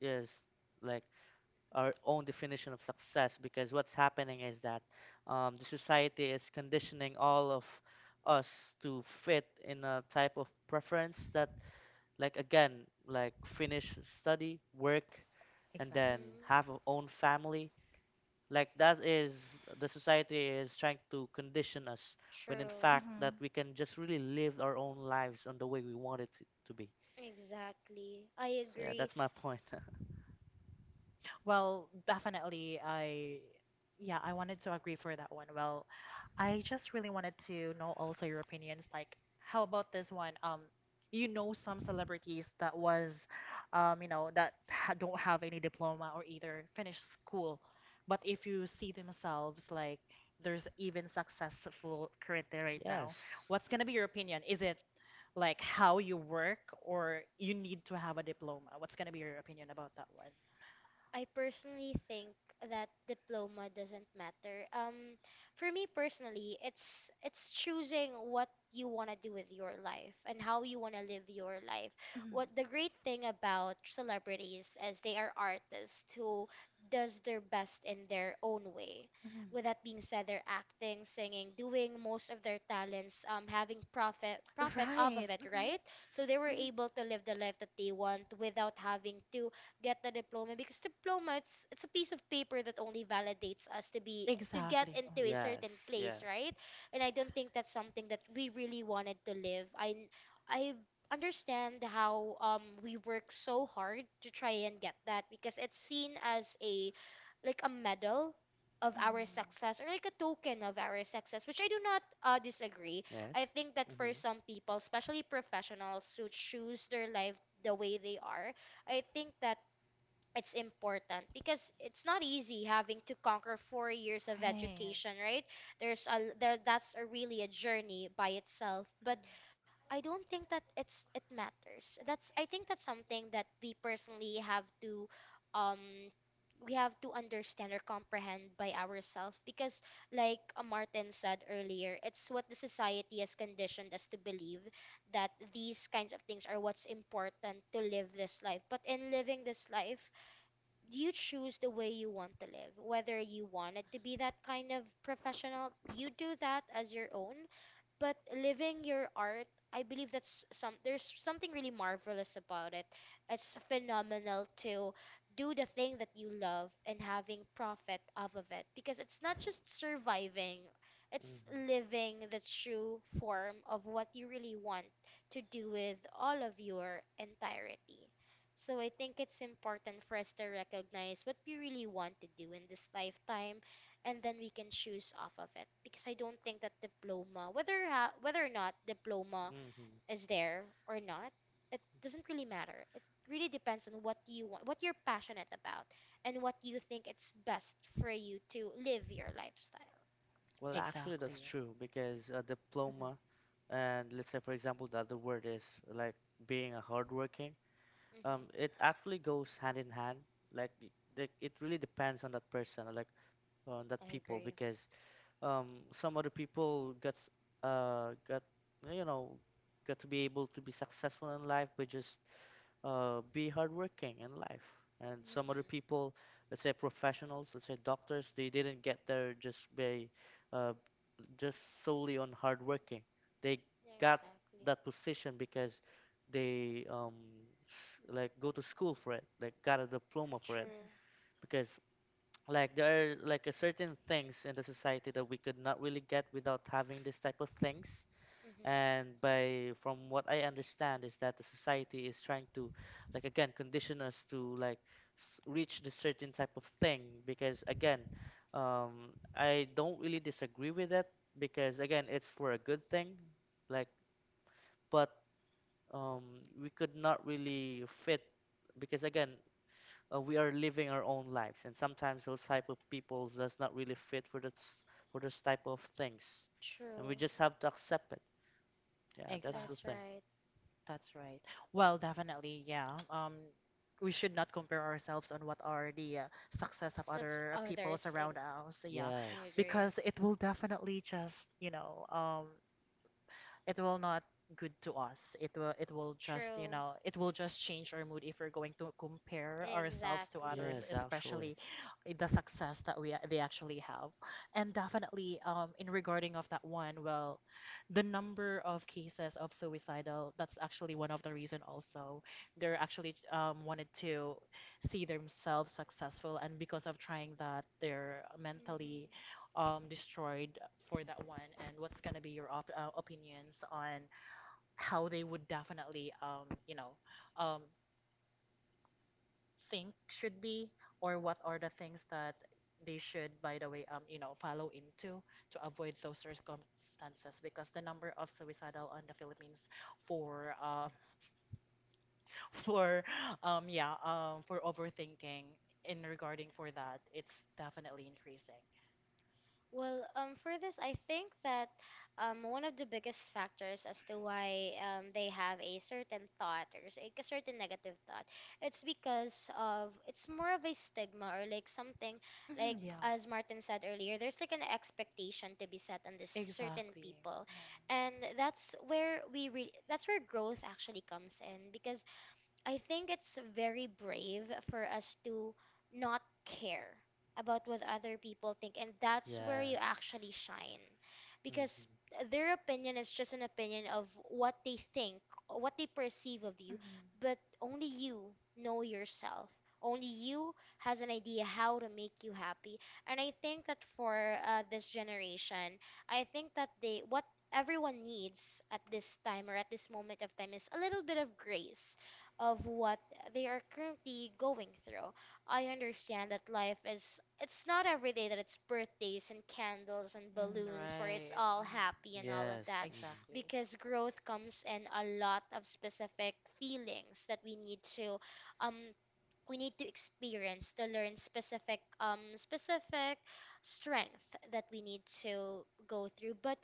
is like our own definition of success, because what's happening is that the society is conditioning all of us to fit in a type of preference that like again, like finish study, work, and then Mm-hmm. have a own family. Like that is the society is trying to condition us when in True. fact that Mhm. we can just really live our own lives on the way we want it to be. Exactly. I So yeah, agree. that's my point. Well, definitely, I, yeah, I wanted to agree for that one. Well, I just really wanted to know also your opinions. Like, how about this one? You know some celebrities that was, you know, that ha don't have any diploma or either finish school, but if you see themselves like there's even successful currently right now, Yes. what's gonna be your opinion? Is it like how you work or you need to have a diploma? What's gonna be your opinion about that one? I personally think that diploma doesn't matter. For me personally, it's choosing what you want to do with your life and how you want to live your life. Mhm. What the great thing about celebrities is they are artists who does their best in their own way. With that being said, they're acting, singing, doing most of their talents, having profit off Right. of it, Mhm. right? So they were Mhm. able to live the life that they want without having to get the diploma, because diploma, it's a piece of paper that only validates us to get Exactly. Mm. into a Yes. certain place, Yes. right? And I don't think that's something that we really wanted to live. I understand how we work so hard to try and get that because it's seen as a like a medal of our Mhm. success, or like a token of our success, which I do not disagree. Yes. I think that for Mm-hmm. some people, especially professionals who choose their life the way they are, I think that it's important because it's not easy having to conquer 4 years of Right. education, right? There's a there that's a really a journey by itself, but I don't think that it matters. That's, I think that's something that we personally have to, um we have to understand or comprehend by ourselves, because, like, Martin said earlier, it's what the society has conditioned us to believe that these kinds of things are what's important to live this life. But in living this life, you choose the way you want to live, whether you wanted to be that kind of professional, you do that as your own. But living your art, I believe that's some there's something really marvelous about it. It's phenomenal to do the thing that you love and having profit off of it, because it's not just surviving, it's Mm-hmm. living the true form of what you really want to do with all of your entirety. So I think it's important for us to recognize what we really want to do in this lifetime, and then we can choose off of it, because I don't think that diploma, whether whether or not diploma hmm is there or not, it doesn't really matter. It really depends on what you want, what you're passionate about, and what you think it's best for you to live your lifestyle. Well, actually, that's Exactly. true because a diploma, and let's say, for example, the other word is like being a hardworking. Hmm. It actually goes hand in hand. Like, like it really depends on that person, or like on that I people, agree. because some other people gets got you know got to be able to be successful in life by just be hardworking in life. And some other Hmm, people, let's say professionals, let's say doctors, they didn't get there just by uh, just solely on hardworking. They yeah, got exactly, that position because they like go to school for it, like got a diploma for it. true. Because like there are like a certain things in the society that we could not really get without having this type of things, Hmm. and by from what I understand is that the society is trying to like again condition us to reach the certain type of thing, because again I don't really disagree with it, because again it's for a good thing, like, but um we could not really fit, because again we are living our own lives and sometimes those type of people does not really fit for this, for this type of things, and we True. just have to accept it. Yeah, that's the That's Exactly. thing. right. That's right. Well, definitely, yeah. We should not compare ourselves on what are the success of Sub other peoples others. I, around us. Yeah, I Yes. agree. because it will definitely just, you know, it will not good to us. It will just, you True. know, it will just change our mood if we're going to compare ourselves to others, Exactly. Yes, actually. especially the success that we they actually have. And definitely in regarding of that one, well, the number of cases of suicidal, that's actually one of the reason also. They're actually wanted to see themselves successful and because of trying that they're mentally Hmm. Destroyed for that one, and what's gonna be your op opinions on how they would definitely, you know, um, think should be, or what are the things that they should, by the way, you know, follow into to avoid those circumstances? Because the number of suicidal on the Philippines for, for, yeah, for overthinking in regarding for that, it's definitely increasing. Well, for this, I think that, one of the biggest factors as to why they have a certain thought, or a certain negative thought, it's more of a stigma, or like something, like, Mhm, yeah, as Martin said earlier, there's like an expectation to be set on this certain exactly. people, and that's where that's where growth actually comes in, because I think it's very brave for us to not care about what other people think, and that's where you Yes. actually shine, Mm-hmm. because their opinion is just an opinion of what they think, what they perceive of you, Mm-hmm. but only you know yourself. Only you has an idea how to make you happy, and I think that for this generation, I think that they what everyone needs at this time, or at this moment of time, is a little bit of grace of what they are currently going through. I understand that life is it's not every day that it's birthdays and candles and Mm, balloons where it's right. all Mhm. happy and all of Yes. that Mm-hmm. Exactly. because growth comes in a lot of specific feelings that we need to um experience to learn specific specific strength that we need to go through. But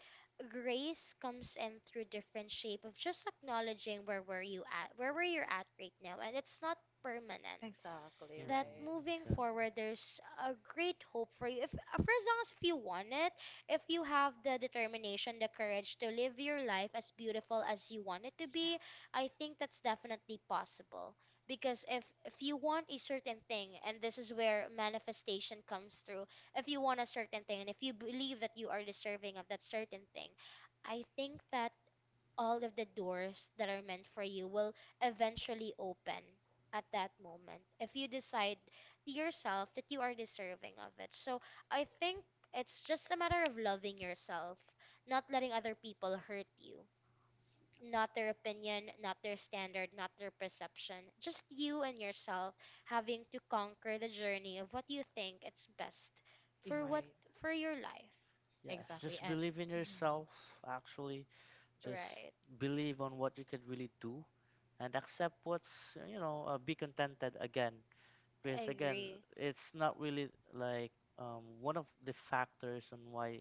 grace comes in through different shape of just acknowledging where were you at right now, and it's not permanent. Exactly, That Mm-hmm. right. moving Exactly. forward, Mhm. there's a great hope for you if for as long as if you want it. If you have the determination, the courage to live your life as beautiful as you want it to Yeah, be, I think that's definitely possible. Because if you want a certain thing, and this is where manifestation comes through, if you want a certain thing and if you believe that you are deserving of that certain thing, I think that all of the doors that are meant for you will eventually open at that moment if you decide to yourself that you are deserving of it. So I think it's just a matter of loving yourself, not letting other people hurt you. Not their opinion, not their standard, not their perception. Just you and yourself having to conquer the journey of what you think it's best you're for what right. for your life. Yes. Exactly. Just And believe in yourself, actually. Just Right. believe on what you can really do, and accept what's, you know, be contented, again because I again agree. it's not really like one of the factors on why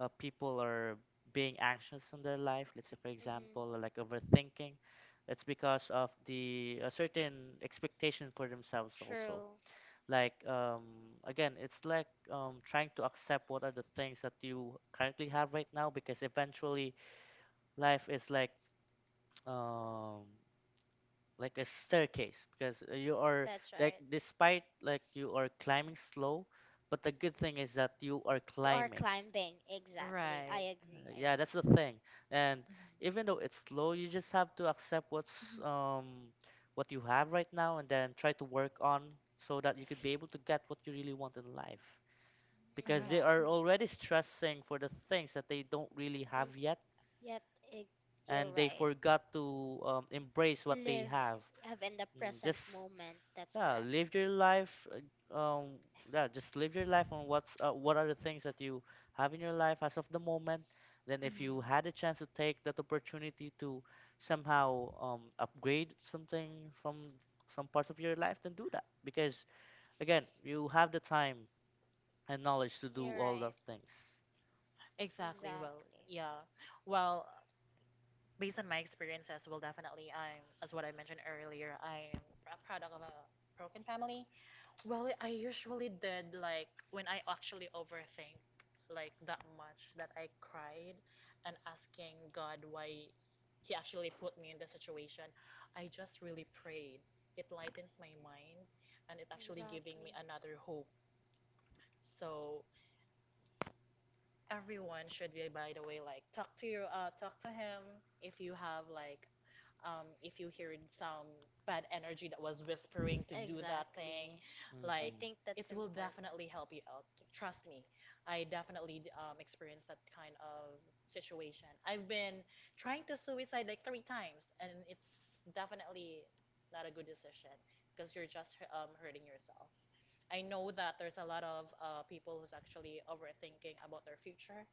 people are being anxious in their life, let's say for Mhm. example like overthinking, it's because of the a certain expectation for themselves also. True. Like again it's like trying to accept what are the things that you currently have right now, because eventually life is um, like a staircase, because you are That's like, right. despite like you are climbing slow, but the good thing is that you are You are climbing. climbing. Exactly. I right. agree. I yeah, that's agree. the thing, and even though it's slow you just have to accept what you have right now and then try to work on so that you could be able to get what you really want in life, because they are Exactly. already stressing for the things that they don't really Don't have yet, yet. ig- You're and they right. forgot to embrace what they Live. have. Have in the Mm, just present moment. That's yeah correct. live your life yeah just live your life on what are the things that you have in your life as of the moment, then if you had a chance to take that opportunity to somehow upgrade something from some parts of your life, then do that, because again you have the time and knowledge to do You're all right. those things. Exactly. Well, Exactly. yeah. Well, based on my experiences, well, definitely, I'm, as what I mentioned earlier, I'm a product of a broken family. Well, I usually did like when I actually overthink like that much that I cried and asking God why he actually put me in the situation. I just really prayed. It lightens my mind and it actually giving me Exactly. another hope. So Everyone should be, by the way, like talk to your talk to him if you have like if you heard some bad energy that was whispering to do that thing, Exactly. like I hmm think it that's will important. definitely help you out. Trust me, I definitely experienced that kind of situation. I've been trying to suicide like 3 times, and it's definitely not a good decision because you're just hurting yourself. I know that there's a lot of people who's actually overthinking about their future,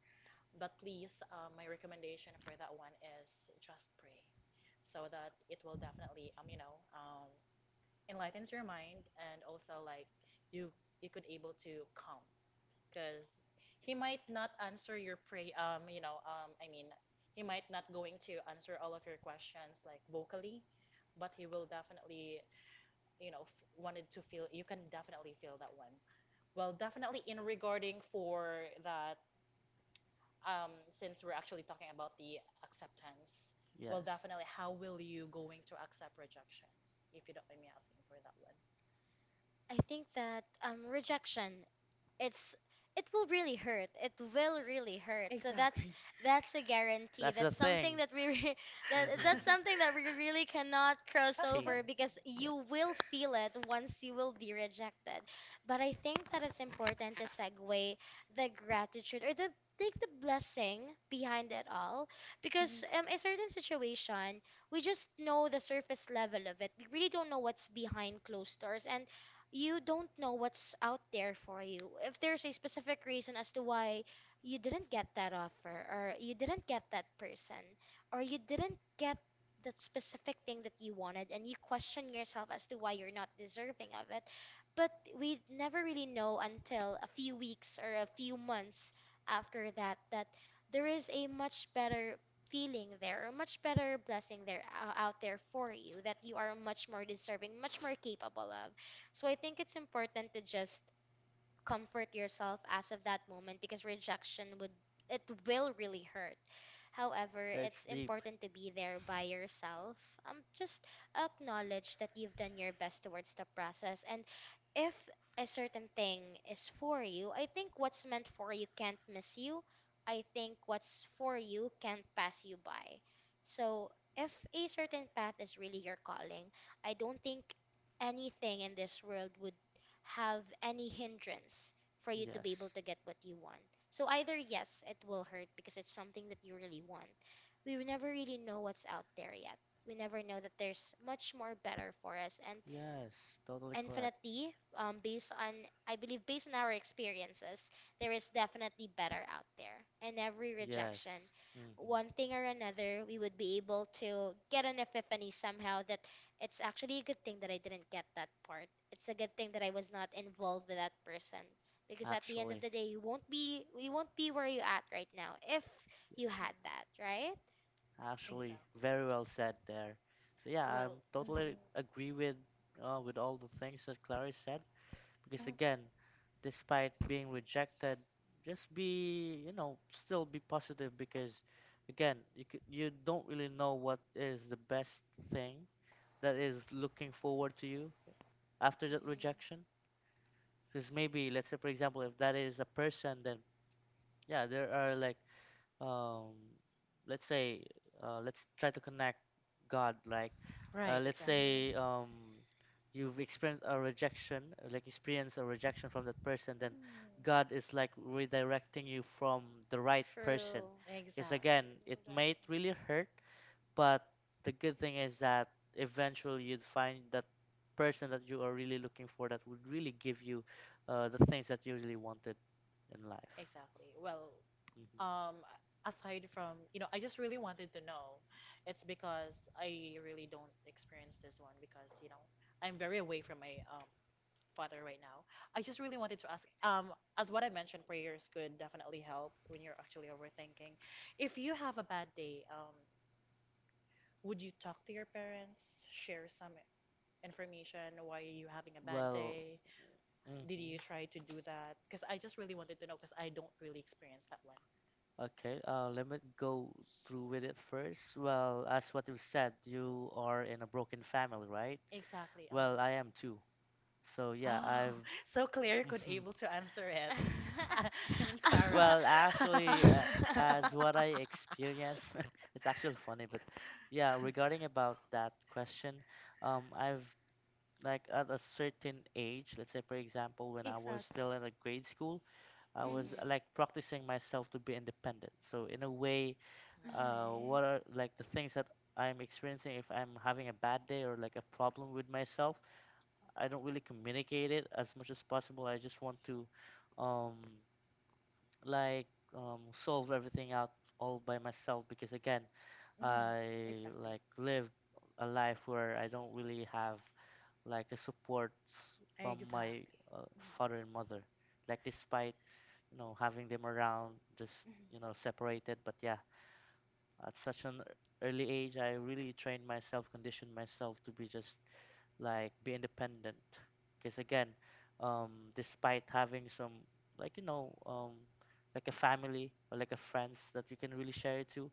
but please, my recommendation for that one is just pray, so that it will definitely, enlightens your mind, and also like you you could able to calm, because he might not answer your pray, I mean, he might not going to answer all of your questions like vocally, but he will definitely, wanted to feel. You can definitely feel that one. Well, definitely in regarding for that, since we're actually talking about the acceptance, well, yes. definitely, how will you going to accept rejections, if you don't mind me asking for that one? I think that rejection, it's it will really hurt. It will really hurt. So Exactly. that's a guarantee. That's the That's something thing. that we re- that hmm that's something that we really cannot cross Change. over because Yeah. you will feel it once you will be rejected. But I think that it's important to segue the gratitude or the take the blessing behind it all, because a certain situation, we just know the surface level of it. We really don't know what's behind closed doors, and you don't know what's out there for you. If there's a specific reason as to why you didn't get that offer, or you didn't get that person, or you didn't get that specific thing that you wanted, and you question yourself as to why you're not deserving of it, but we never really know until a few weeks or a few months after that, that there is a much better feeling there, a much better blessing there, out there for you, that you are much more deserving, much more capable of. So I think it's important to just comfort yourself as of that moment, because rejection would it will really hurt. However, It's it's deep. important to be there by yourself. Just acknowledge that you've done your best towards the process, and if a certain thing is for you, I think what's meant for you can't miss you. I think what's for you can't pass you by. So, if a certain path is really your calling, I don't think anything in this world would have any hindrance for you to be able Yes. to get what you want. So either yes, it will hurt because it's something that you really want. We will never really know what's out there yet. We never know that there's much more better for us. And Yes. Totally correct. infinitely, based on, I believe, based on our experiences, there is definitely better out there. And every Yes. rejection, hmm one thing or another, we would be able to get an epiphany somehow that it's actually a good thing that I didn't get that part. It's a good thing that I was not involved with that person, because at the end of Actually. the day, you won't be where you at right now if you Yes. Mhm. had that. Right. Actually, Exactly. very well said there. So yeah, Well, I'm mhm, mhm. totally agree with all the things that Clary said. Because again, despite being rejected, just be, you know, still be positive, because again, you don't really know what is the best thing that is looking forward to you after that rejection. Because maybe, let's say, for example, if that is a person, then yeah, there are like um, let's say let's try to connect God, like Right, let's Mm-hmm. exactly. say Mm-hmm. Mhm. You've experienced a rejection experience a rejection from that person, then God is like redirecting you from the right person, True. because again Exactly. it might really hurt, but the good thing is that eventually you'd find that person that you are really looking for that would really give you the things that you really wanted in life. Exactly. Well, Mm-hmm. Um, aside from, I just really wanted to know. It's because I really don't experience this one because, I'm very away from my father right now. I just really wanted to ask, as what I mentioned, prayers could definitely help when you're actually overthinking. If you have a bad day, would you talk to your parents, share some information? Why are you having a bad Well, day? hmm Did you try to do that? Because I just really wanted to know because I don't really experience that one. okay, let me go through with it first. Well, as what you said, you are in a broken family, right? Exactly. Well, I am too. So yeah, Oh, I've. so Claire could able to answer it. I mean Exactly. Clara. Well, actually, mhm. as what I experienced, it's actually funny, but yeah, regarding about that question, I've like at a certain age, let's say for example, when I was still Exactly. in a grade school, I Mhm. was like practicing myself to be independent. So in a way, Mhm. what are like the things that I'm experiencing if I'm having a bad day or like a problem with myself. I don't really communicate it as much as possible. I just want to um, like solve everything out all by myself, because again, Mhm. I Exactly. like lived a life where I don't really have like the supports from Exactly. my uh, Mhm. father and mother. Like despite having them around, just Mhm. Separated, but yeah, at such an early age I really trained myself, conditioned myself to be just like be independent because again um despite having some like like a family or like a friends that we can really share it to,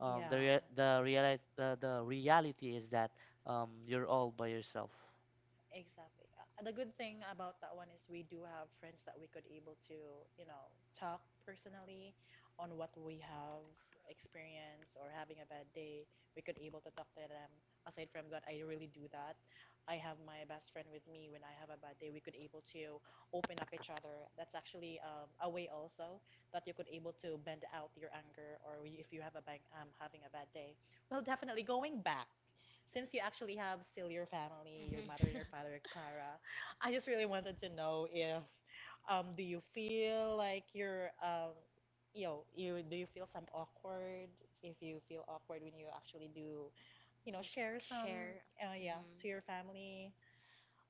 the Yeah. rea- the reali- the reality is that you're all by yourself. Exactly. The good thing about that one is we do have friends that we could able to, talk personally on what we have experienced or having a bad day. We could able to talk to them. Aside from God, I really do that. I have my best friend with me when I have a bad day. We could able to open up each other. That's actually a way also that you could able to bend out your anger if you have a bang, having a bad day. Well, definitely going back. Since you actually have still your family, your mother Right. and your father, Clara, I just really wanted to know if do you feel like you're you feel some awkward if you feel awkward when you actually do, Mm, share some share. Yeah, to Hmm, your family.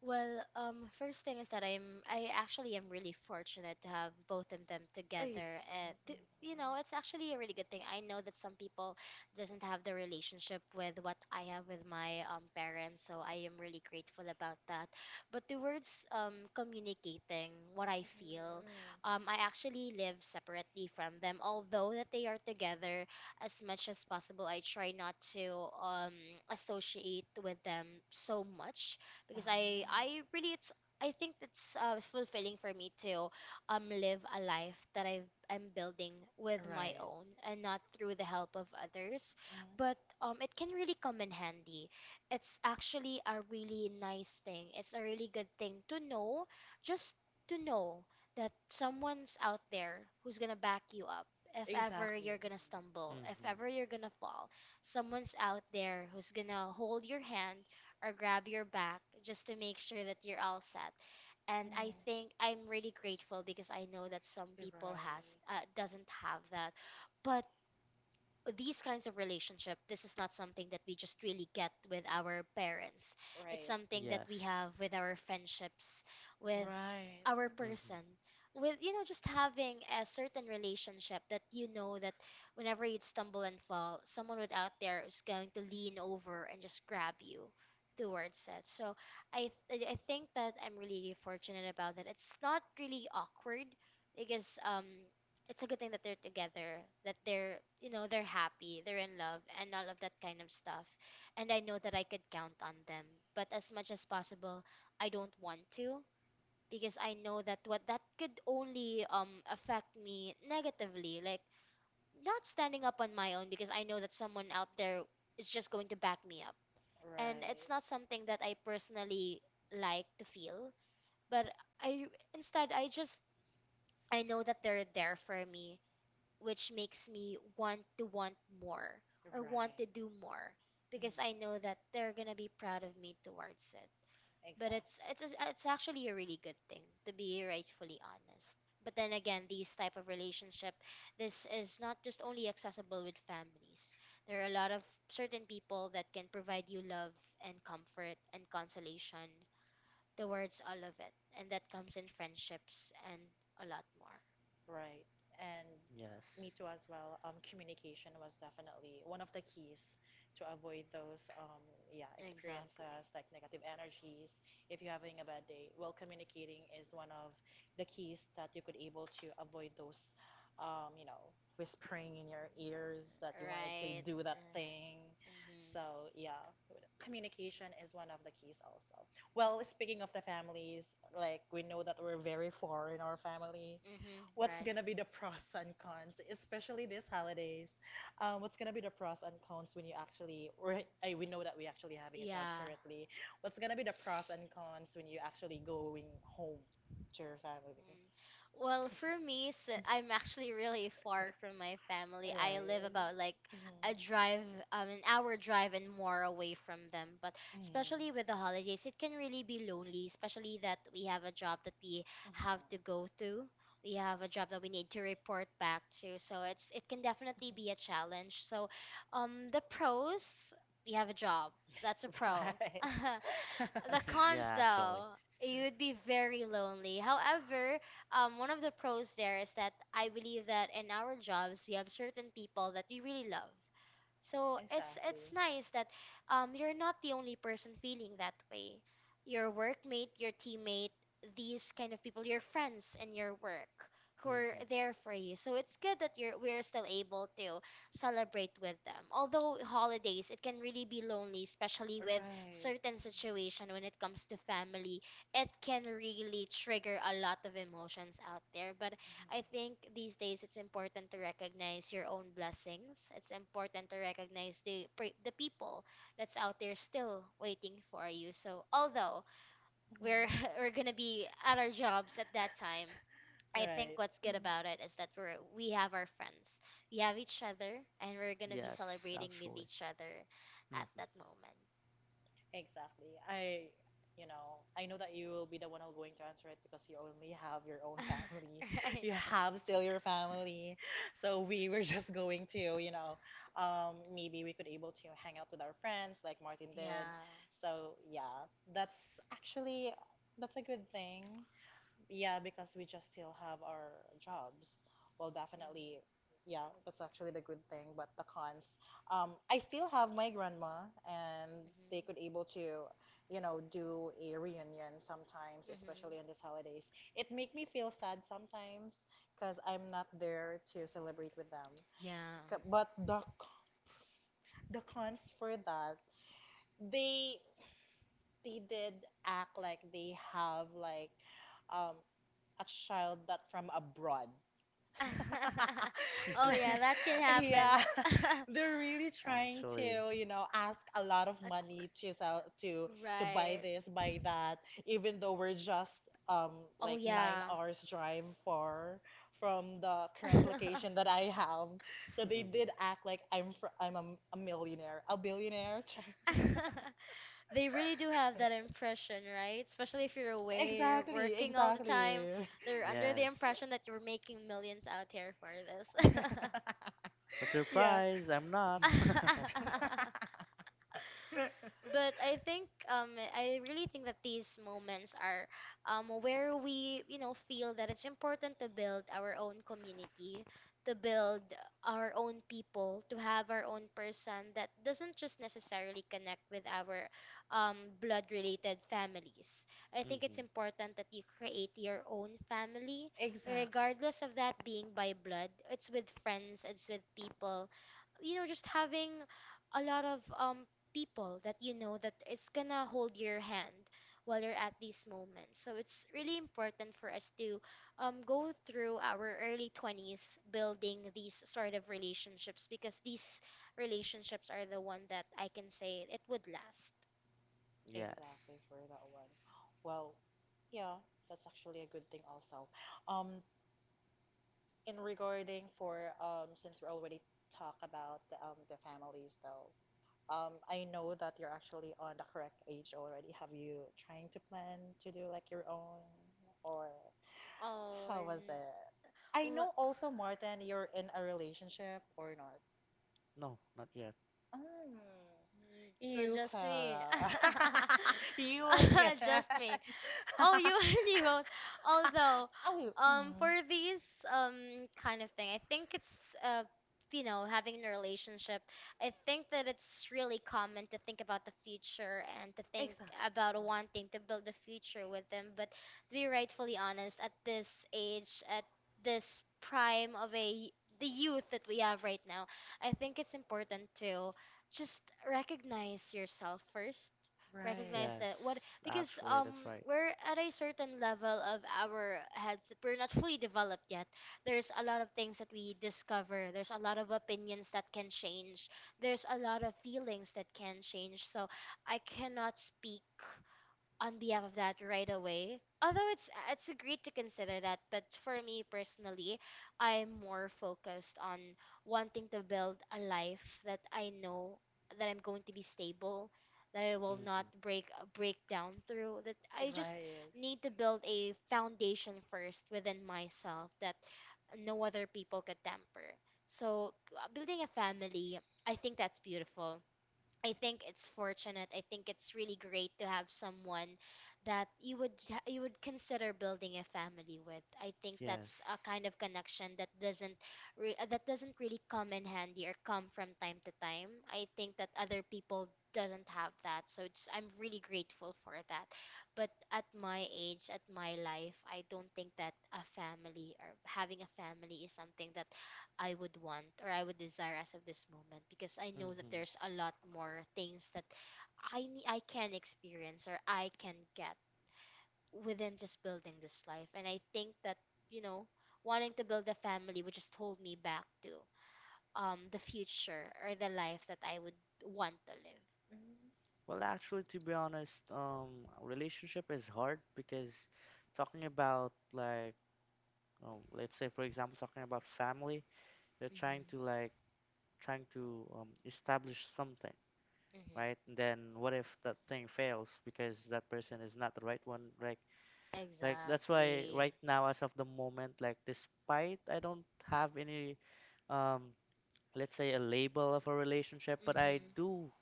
well, first thing is that I actually am really fortunate to have both of them Ay, together, and to, mm. you know, it's actually a really good thing. I know that some people doesn't have the relationship with what I have with my parents, so I am really grateful about that. But towards communicating what I feel, Mm. I actually live separately from them, although that they are together. As much as possible, I try not to associate with them so much, because I Oh. I really it's I think it's fulfilling for me to live a life that I am building with my Right. own and not through the help of others, Mm. but it can really come in handy. It's actually a really nice thing. It's a really good thing to know, just to know that someone's out there who's gonna back you up. If ever you're gonna stumble, if Hmm. ever you're gonna fall, someone's out there who's gonna hold your hand or grab your back just to make sure that you're all set. And I think I'm really grateful, because I know that some people has doesn't have that. But these kinds of relationship, this is not something that we just really get with our parents. It's something that we Yes. have with our friendships, with Right. our Hmm. person, with, you know, just having a certain relationship that you know that whenever you stumble and fall, someone with out there is going to lean over and just grab you towards it. So I think that I'm really fortunate about that. It's not really awkward, because it's a good thing that they're together, that they're, you know, they're happy, they're in love, and all of that kind of stuff. And I know that I could count on them. But as much as possible, I don't want to, because I know that what that could only affect me negatively, like not standing up on my own, because I know that someone out there is just going to back me up. And it's not something that I personally like to feel, but I instead I just I know that they're there for me, which makes me want to want more, or want to do more, because I know that they're gonna be proud of me towards it. But Exactly. it's actually a really good thing to be rightfully honest. But then again, these type of relationship, this is not just only accessible with families. There are a lot of certain people that can provide you love and comfort and consolation towards all of it, and that comes in friendships and a lot more. Right. And Yes. me too as well. Communication was definitely one of the keys to avoid those yeah, Exactly. experiences like negative energies. If you're having a bad day, well, communicating is one of the keys that you could able to avoid those, whispering in your ears that you wanted to Right. do that Uh, thing. mhm. So yeah, communication is one of the keys also. Well, speaking of the families, like we know that we're very far in our family. Mhm. What's Right. gonna be the pros and cons, especially these holidays. What's gonna be the pros and cons when you actually, or I, we know that we actually having a job Yeah. currently. What's gonna be the pros and cons when you actually going home to your family? Mm. Well, for me, s I'm actually really far from my family. I live Right. about like Mhm. a drive, an hour drive and more away from them. But Mm. Mhm. Mhm. especially with the holidays, it can really be lonely, especially that we have a job that we have to go to. We have a job that we need to report back to. So it's it can definitely be a challenge. So, the pros, we have a job. That's a pro. The cons, Yeah, actually. though, you would be very lonely. However, one of the pros there is that I believe that in our jobs we have certain people that we really love. So it's nice that you're not the only person feeling that way. Your workmate, your teammate, these kind of people, your friends in your work who are Hmm. there for you. So it's good that you're we're still able to celebrate with them. Although holidays, it can really be lonely, especially with certain situation when it comes to family, it can really trigger a lot of emotions out there. But I think these days it's important to recognize your own blessings. It's important to recognize the people that's out there still waiting for you. So although we're we're going to be at our jobs at that time, I think what's good about it is that we have our friends, we have each other, and we're gonna be Yes, celebrating with actually. each other at that Hmm. moment. Exactly. I know that you will be the one who going to answer it because you only have your own family. right. You have still your family. So we were just going to, maybe we could able to hang out with our friends like Martin did. Yeah. So yeah, that's actually that's a good thing. Yeah, because we just still have our jobs. Well, Mm. definitely, yeah, that's actually the good thing, but the cons. I still have my grandma, and they could able to, do a reunion sometimes, Mhm. Mhm. especially on these holidays. It make me feel sad sometimes because I'm not there to celebrate with them. Yeah. But the cons for that, they they did act like they have like um a child that from abroad. oh yeah, that can happen. Yeah, they're really trying Actually. to, ask a lot of money to sell, to buy right. this, buy that, even though we're just Oh like nine yeah. hours drive far from the current location that I have. So they did act like I'm fr I'm a millionaire, a billionaire. they really do have that impression, right? Especially if you're away, you're Exactly, working all the time. exactly. They're under the Yes. impression that you're making millions out here for this. But Yeah. surprise, I'm not. But I think I really think that these moments are where we, you know, feel that it's important to build our own community, to build our own people, to have our own person that doesn't just necessarily connect with our blood related families. I think it's Hmm. important that you create your own family Exactly. regardless of that being by blood. It's with friends, it's with people, you know, just having a lot of people that you know that is gonna hold your hand while you're at these moments. So it's really important for us to go through our early 20s building these sort of relationships, because these relationships are the one that I can say it would last. Yes. Exactly for that one. Well, yeah, that's actually a good thing also. Um, in regarding for since we already talk about the families though, I know that you're actually on the correct age already. Have you trying to plan to do like your own, or Oh, how was n- it? I wha- know also, Martin, you're in a relationship or not? No, not yet. Mm. mm, so You, just me. Clara. You again. Just me. Oh, you already wrote. Although, Oh, mm. for these kind of thing, I think it's uh, you know, having a relationship. I think that it's really common to think about the future and to think Exactly. about wanting to build a future with them. But to be rightfully honest, at this age, at this prime of a the youth that we have right now, I think it's important to just recognize yourself first, Right. recognize Yes, that what because actually, that's right. we're at a certain level of our heads, that we're not fully developed yet. There's a lot of things that we discover, there's a lot of opinions that can change, there's a lot of feelings that can change, so I cannot speak on behalf of that right away. Although it's great to consider that, but for me personally, I'm more focused on wanting to build a life that I know that I'm going to be stable, that I will not Hmm. break down through. That I just Right. need to build a foundation first within myself that no other people could temper. So building a family, I think that's beautiful. I think it's fortunate. I think it's really great to have someone that you would consider building a family with. I think that's a Yes. kind of connection that doesn't re- that doesn't really come in handy or come from time to time. I think that other people doesn't have that. So it's, I'm really grateful for that. But at my age, at my life, I don't think that a family or having a family is something that I would want or I would desire as of this moment, because I know that Hmm. there's a lot more things that I can experience or I can get within just building this life. And I think that you know wanting to build a family would just hold me back to the future or the life that I would want to live. Mm. Well, actually, to be honest, relationship is hard because talking about like, let's say for example, talking about family, you're Mhm. trying to like, trying to establish something, Mhm. right? And then what if that thing fails because that person is not the right one? Like that's why Exactly. right now, as of the moment, like despite I don't have any, um let's say, a label of a relationship, but I Mhm. do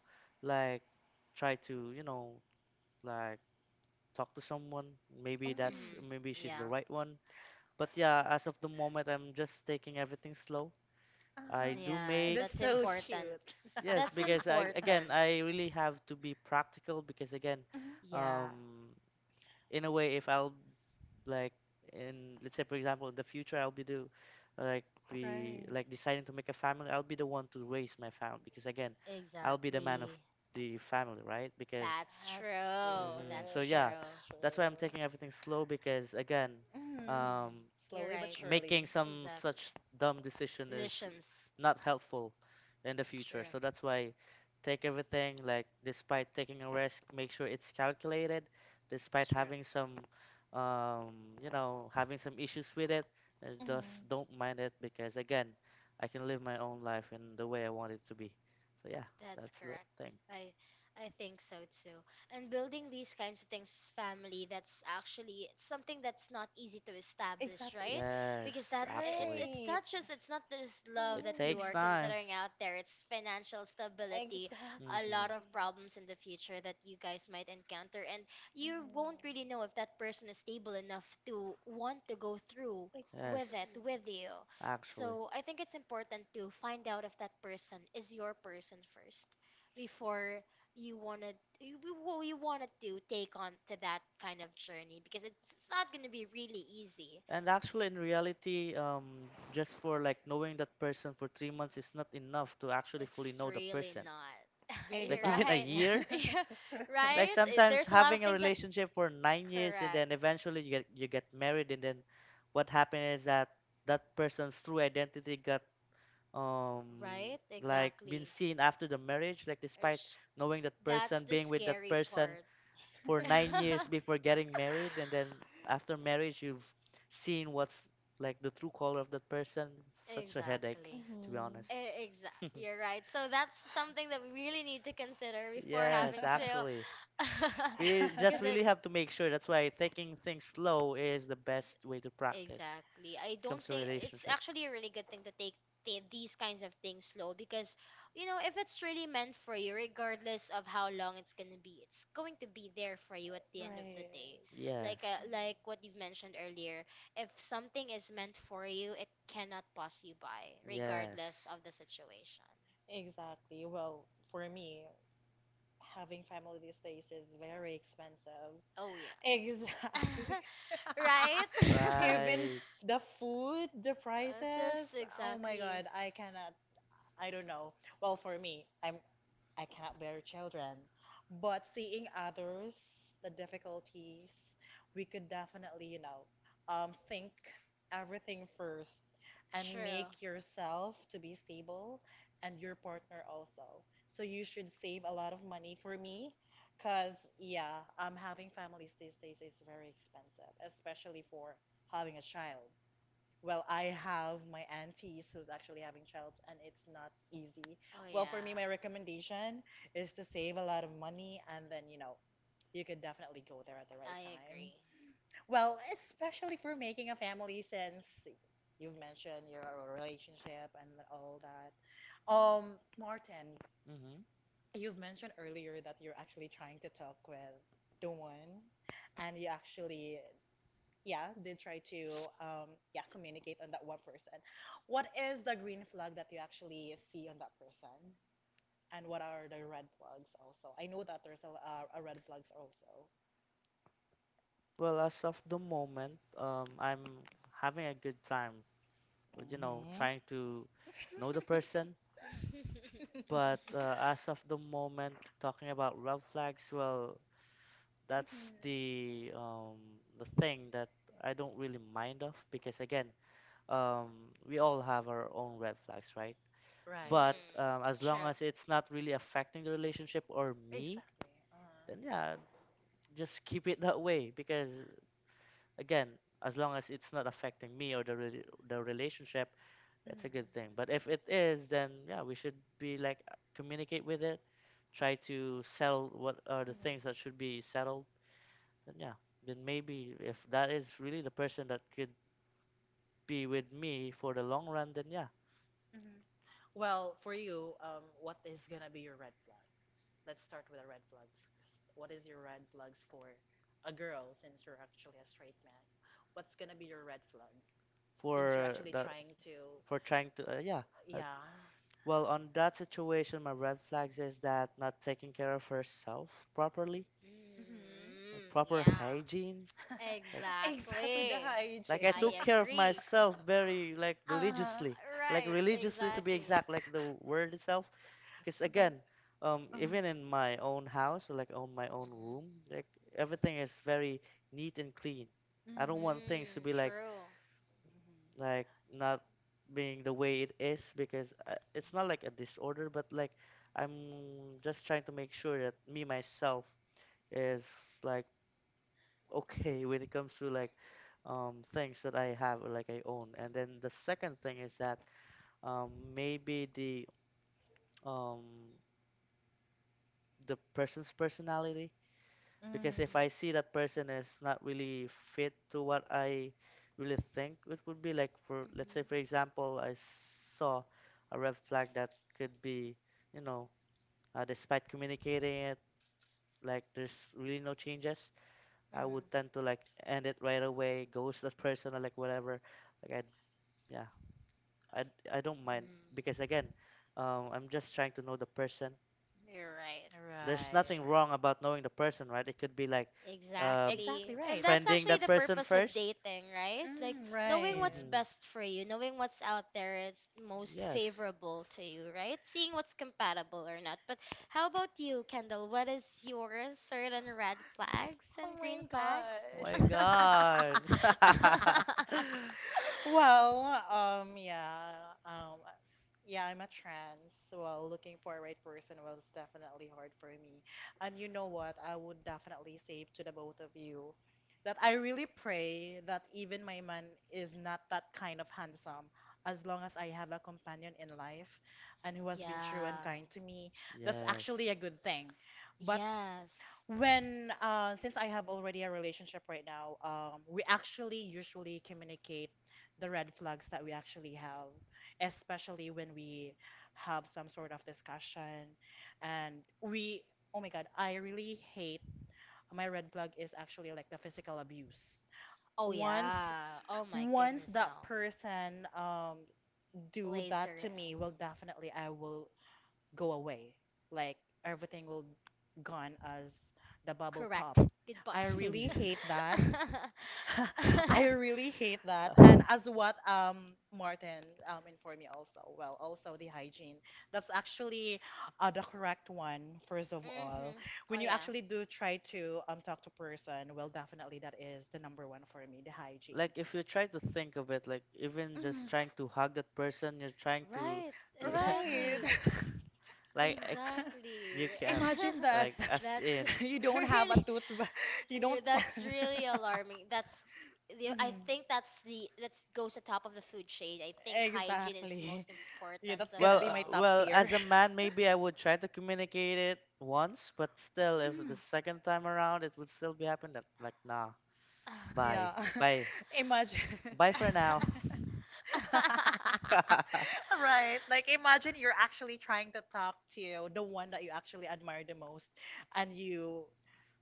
like try to, like talk to someone. Maybe that's Mm. Mhm. maybe she's the Yeah. right one. But yeah, as of the moment, I'm just taking everything slow. I Uh-huh. do Yeah, make. That's that's so important. cute. Yes, That's because I again important. I really have to be practical because again, Mhm. Yeah, um, in a way, if I'll, like, in, let's say for example, in the future I'll be Right. like deciding to make a family. I'll be the one to raise my family because again, I'll be the man of exactly. the family, right? because That's That's true. hmm So That's good. yeah, true. That's that's why I'm taking true. everything slow because again, Hmm. Mm, um you're Slowly but right. making surely. some Exactly. such dumb decision is Decisions. not helpful in the future. True. So that's why, take everything like, despite taking a risk, make sure it's calculated. Despite True. having some, um, having some issues with it, Hmm. just don't mind it because again, I can live my own life in the way I want it to be. So yeah, That's that's the correct. thing. I I think so too. And building these kinds of things, family, that's actually, it's something that's not easy to establish, Exactly. It's right? Because Yes, that, it's, actually, it's right. not just it's not just love it that Mm. you takes are time. considering out there. It's financial stability, Exactly. a lot Hmm. of problems in the future that you guys might encounter, and you Mhm. won't really know if that person is stable enough to want to go through Yes, with it with you. actually. So I think it's important to find out if that person is your person first before you wanted to take on to that kind of journey, because it's not going to be really easy. And actually, in reality, just for like knowing that person for 3 months is not enough to actually fully It's know the really person. not. Like. You're Even a Exactly. right. year. Exactly. Yeah, Like right? sometimes There's a lot of having a things that relationship for 9 years and then correct. eventually you get married, and then what happened is that that person's true identity got um Right? Been Exactly. seen after the marriage. Like despite Ish. knowing that That's person, the being with that scary person, part. for 9 years before getting married, and then after marriage, you've seen what's like the true color of that person. Such a headache, Exactly. to be Mhm. honest. Exactly. You're right. So that's something that we really need to consider before Yes, having to actually. We just because it, really have to make sure. That's why taking things slow is the best way to practice. exactly. I It don't comes to think it's relationship. actually a really good thing to take these kinds of things slow because, if it's really meant for you, regardless of how long it's gonna be, it's going to be there for you at the end of the Right. day. Yes. Like what you've mentioned earlier, if something is meant for you, it cannot pass you by, regardless Yes. of the situation. Exactly. Well, for me, having family these days is very expensive. Oh yeah. Exactly. Right? Even Right. the food, the sis, prices. Oh my exactly. God, I cannot. I don't know. Well, for me, I cannot bear children. But seeing others, the difficulties, we could definitely, think everything first and True. make yourself to be stable and your partner also. So you should save a lot of money for me, because yeah, having families these days is very expensive, especially for having a child. Well, I have my aunties who's actually having child, and it's not easy. Oh Well, for yeah. me, my recommendation is to save a lot of money, and then, you could definitely go there at the right I time. agree. Well, especially for making a family, since you've mentioned your relationship and all that. Martin, Hmm. you've mentioned earlier that you're actually trying to talk with the one, and you actually yeah, did try to yeah communicate on that one person. What is the green flag that you actually see on that person, and what are the red flags also? I know that there's a red flags also. Well, as of the moment, I'm having a good time, Hmm. trying to know the person. But, as of the moment, talking about red flags, well, that's Hmm. the thing that I don't really mind of because again, we all have our own red flags, right? But, Right. Mhm. As long True. as it's not really affecting the relationship or me, Exactly. then Uh-huh. yeah, just keep it that way, because again, as long as it's not affecting me or the relationship, that's a good Hmm. thing. But if it is, then yeah, we should be like, communicate with it, try to sell what are the Hmm. things that should be settled. Then yeah, then maybe if that is really the person that could be with me for the long run, then yeah, Mm-hmm. Well, for you, what is gonna be your red flag? Let's start with a red flag first. What is your red flags for a girl since you're actually a straight man? What's gonna be your red flag since you're for actually the trying to, for trying to, yeah. Uh, yeah. well, on that situation, my red flags is that not taking care of herself properly, Hmm. Mm, proper yeah. hygiene, like Exactly the Exactly. like I hygiene. took I care of agree. myself very, like, Uh-huh. religiously, like Right, religiously, to be exactly. exact, like the word itself, because That, again, uh-huh. even in my own house or like on my own Mhm. room, like everything is very neat and clean. I don't Hmm. want things to Mm, be like, true. like not being the way it is, because, Mhm. it's not like a disorder, but like I'm just trying to make sure that me myself is, like, okay when it comes to like, things that I have or like I own. Mm. And then the second thing is that, um maybe um the person's personality, Mhm. because if Mhm. I see that person is not really fit to what I really think it would be like. For let's say Mhm. for example, I saw a red flag that could be, you know despite communicating it, like there's really no changes, I Mhm. would tend to like end it right away, ghost that person or like whatever, like I — yeah, I I don't mind, because Mm. again, I'm just trying to know the person. You're right. There's Right. nothing Sure. wrong about knowing the person, right? It could be like, uh, Exactly Exactly. And right. that's friending actually that the person purpose of first. dating, right? Like Mm, knowing right. what's Mm-hmm. best for you, knowing what's out there is most Yes. favorable to you, right? Seeing what's compatible or not. But how about you, Kendall? What is your certain red flags Oh and green my flags? Oh my god. God. Well, yeah, um, yeah, I'm a trans. Well, looking for a right person was definitely hard for me. And you know what? I would definitely say to the both of you that I really pray that even my man is not that kind of handsome. As long as I have a companion in life and who has been true and Yeah. kind to me, that's actually a Yes. good thing. But Yes. when since I have already a relationship right now, we actually usually communicate the red flags that we actually have, especially when we have some sort of discussion. And we, oh my God, I really hate, my red flag is actually like the physical abuse. Oh Once yeah. Oh my once goodness, that no. person do that Laser. to me, Mhm. well definitely I will go away. Like everything will gone as the bubble Correct. pop. Goodbye. I really hate that. Mhm. I really hate that. And Uh, as what Martin informed me also, well, also the hygiene. That's actually the correct one, first of all. Oh When you yeah. actually do try to talk to person, well, definitely that is the number one for me, the hygiene. Like if you try to think of it, like even Mm, just trying to hug that person, you're trying to, Right. re- right. Exactly. like I, Exactly. you can't, Imagine that like as That's in. you don't have a really, toothbrush. You don't. yeah, that's really alarming. That's the I Mhm. think that's goes atop of the food shade. I think hygiene is Exactly. most Yeah, important that's of gonna Well, it be my all. top tier. as a man, maybe I would try to communicate it once, but still, if the Mhm. second time around it would still be happening, like, nah, bye, Yeah. bye, Imagine. bye for now. Right. Like imagine you're actually trying to talk to the one that you actually admire the most and you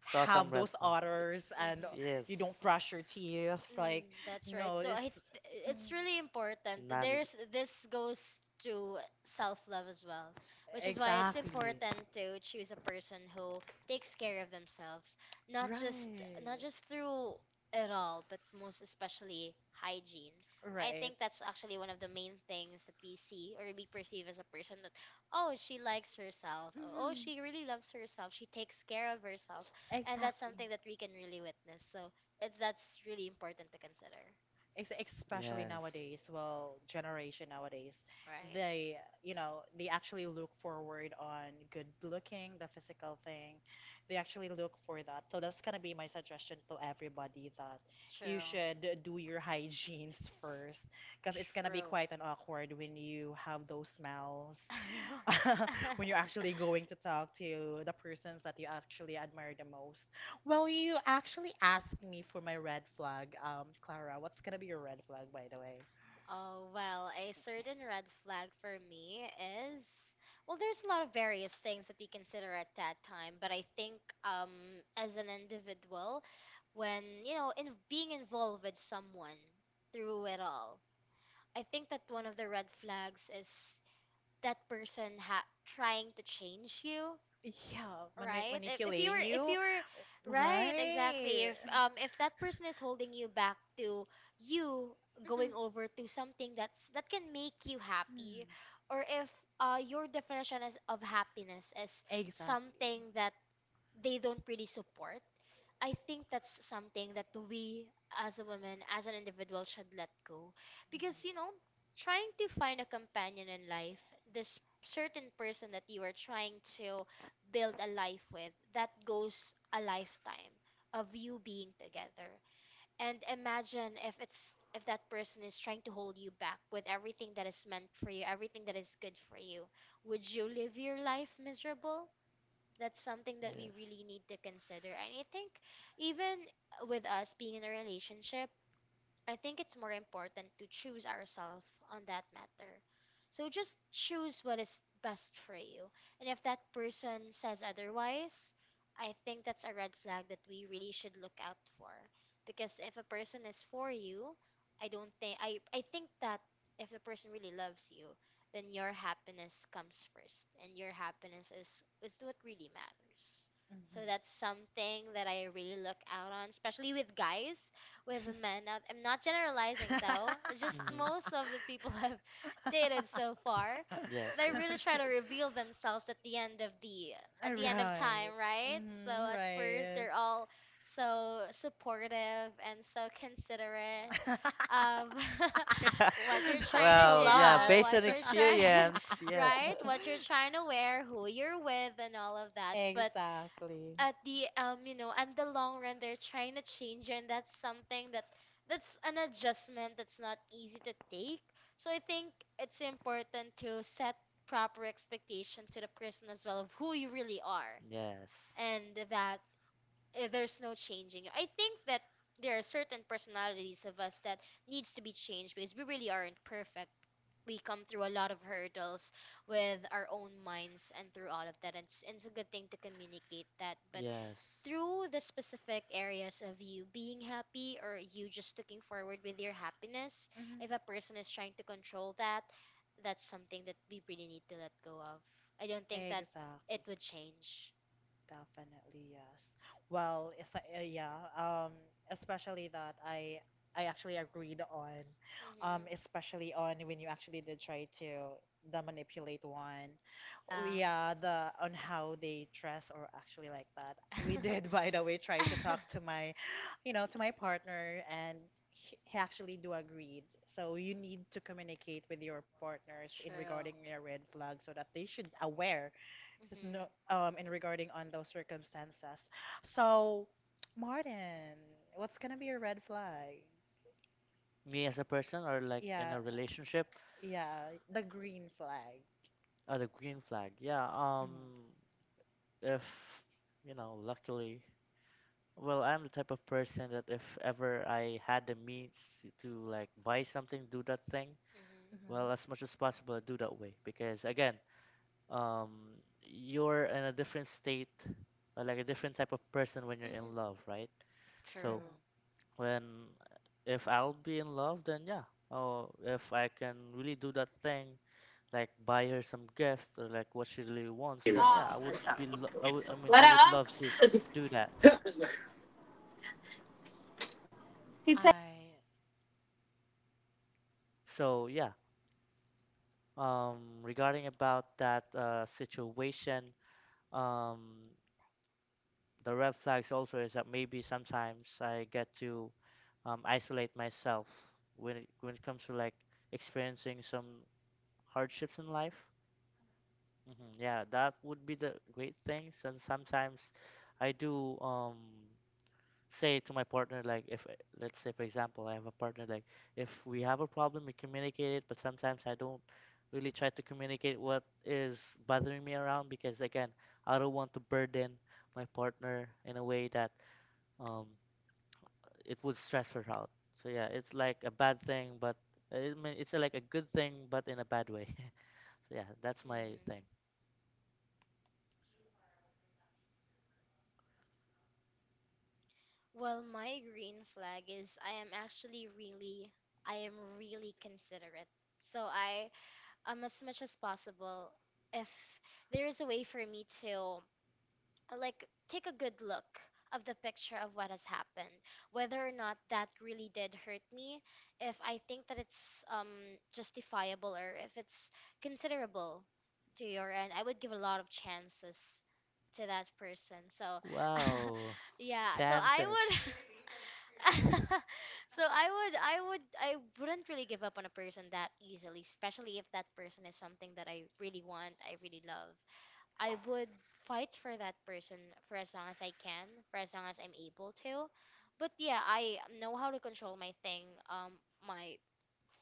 Saw some have red those flags. others and Mhm. Yes, you don't brush your teeth. Like, Mm, that's right. no, So it's. I it's Mm. really important. none. There's this goes to self-love as well, which is why it's Exactly. important to choose a person who takes care of themselves, not just not Right. just through it all, but most especially hygiene. I Right. think that's actually one of the main things that we see or we perceive as a person, that, oh, she likes herself. Oh, oh, Mhm. she really loves herself. She takes care of herself. And that's Exactly. something that we can really witness. So that's really important to consider. ex- Especially Yes, nowadays, well, generation nowadays, Right. they actually look forward on good looking, the physical thing. They actually look for that. So that's gonna be my suggestion to everybody that you True. should do your hygienes first, because it's gonna be True. quite an awkward when you have those smells when you're actually going to talk to the persons that you actually admire the most. Well, you actually asked me for my red flag, Clara. What's gonna be your red flag, by the way? Oh, well, a certain red flag for me is, well, there's a lot of various things that we consider at that time, but I think as an individual, when you know, in being involved with someone through it all, I think that one of the red flags is that person ha- trying to change you. Yeah, Right? If if you manipulating were if you, you were right, exactly. right? If that person is holding you back to you Mhm. going over to something that's that can make you happy, Mm. or if your definition is, of happiness is Exactly. something that they don't really support, I think that's something that we, as a woman, as an individual, should let go. Mm-hmm. Because, you know, trying to find a companion in life, this certain person that you are trying to build a life with, that goes a lifetime of you being together. And imagine if it's if that person is trying to hold you back with everything that is meant for you, everything that is good for you. Would you live your life miserable? That's something that we yes. really need to consider. And I think even with us being in a relationship, I think it's more important to choose ourselves on that matter. So just choose what is best for you. And if that person says otherwise, I think that's a red flag that we really should look out for. Because if a person is for you, I think that if the person really loves you, then your happiness comes first and your happiness is what really matters. So Mhm. that's something that I really look out on, especially with guys, with men. Now, I'm not generalizing though. It's just Hmm. most of the people I've dated so far, Yes, they yes. really try to reveal themselves at the end of the at the end of time, Right. right? So Mhm, at first right. they're all so supportive and so considerate of what you're That's trying to a Well, do, yeah, lot. based on what you're trying, experience, yes, right? What you're trying to wear, who you're with, and all of that. But Exactly. at the you know, and the long run, they're trying to change you, and that's something that, that's an adjustment that's not easy to take. So I think it's important to set proper expectation to the person as well of who you really are, yes, and that, there's no changing. I think that there are certain personalities of us that needs to be changed because we really aren't perfect. We come through a lot of hurdles with our own minds and through all of that, and and it's a good thing to communicate that. But yes. through the specific areas of you being happy or you just looking forward with your happiness, Mhm. if a person is trying to control that, that's something that we really need to let go of. I don't think that it Exactly. would change. Definitely, yes. Well, it's, yeah, um, especially that I actually agreed on, Mhm. especially on when you actually did try to the manipulate one. Oh, Yeah. yeah, the on how they dress or actually like that. We did, by the way, try to talk to my partner, and he actually do agreed. So you need to communicate with your partners in regarding True. your red flag so that they should aware Mhm. just Mhm. no, in regarding on those circumstances. So, Martin, what's gonna be a red flag? Me as a person, or like in Yeah, a relationship, yeah, the green flag. or the green flag. Yeah. Mhm. If, luckily, well, I'm the type of person that if ever I had the means to like buy something, do that thing. Mhm. Well, as much as possible, I do that way because again, um you're in a different state or like a different type of person when you're in Mhm. love, right? So, True. Mhm. when if I'll be in love, then yeah, oh, if I can really do that thing, like buy her some gift or like what she really wants, then yeah, I, would, I mean, I would love to do that. I So yeah, regarding about that, situation, um the red flags also is that maybe sometimes I get to, isolate myself when it, when it comes to like experiencing some hardships in life. Hmm. Yeah, that would be the great things. And sometimes I do, say to my partner, like if, let's say for example I have a partner, like if we have a problem we communicate it, but sometimes I don't really try to communicate what is bothering me around, because again, I don't want to burden my partner in a way that, um, it would stress her out. So yeah, it's like a bad thing, but I mean, it's, like a good thing, but in a bad way. So yeah, that's my Mhm. thing. Well, my green flag is I am actually really, I am really considerate. So I, as much as possible, if there is a way for me to like take a good look of the picture of what has happened, whether or not that really did hurt me, if I think that it's justifiable or if it's considerable to your end, I would give a lot of chances to that person. So, Wow, yeah, so I chances. would. So I would I wouldn't really give up on a person that easily, especially if that person is something that I really want, I really love. I would fight for that person for as long as I can, for as long as I'm able to. But yeah, I know how to control my thing, my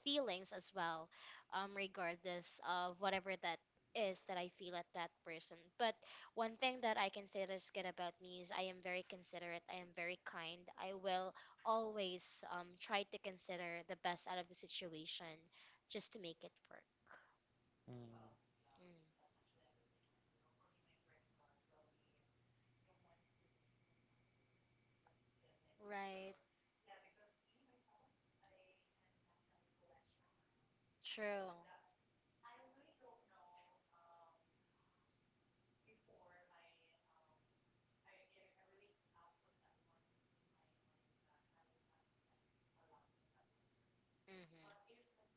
feelings as well, regardless of whatever that is that I feel at that person. But one thing that I can say that's good about me is I am very considerate. I am very kind. I will always try to consider the best out of the situation just to make it work. Mm, Mm. Right. True. Mm-hmm.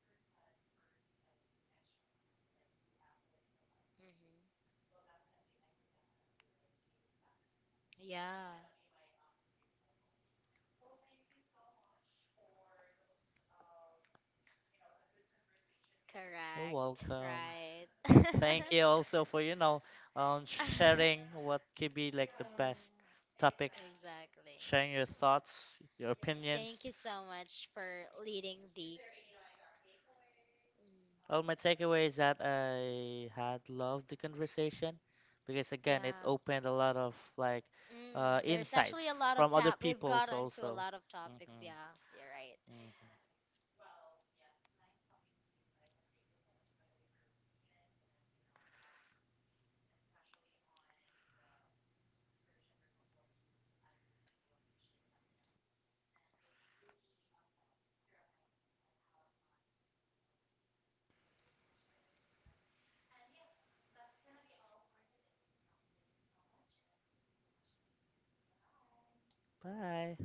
Mm-hmm. Yeah. you're Correct. welcome. Right. Thank you also for, Uh, sharing what could be like the best topics, exactly. sharing your thoughts, your opinions. Thank you so much for leading the. Mm, Well, my takeaway is that I had loved the conversation because again, it yeah. opened a lot of like, Mm, there's actually a insights lot of from other top. We've got people's into a also. lot of topics. Hmm. Yeah. You're right. Hmm. Bye.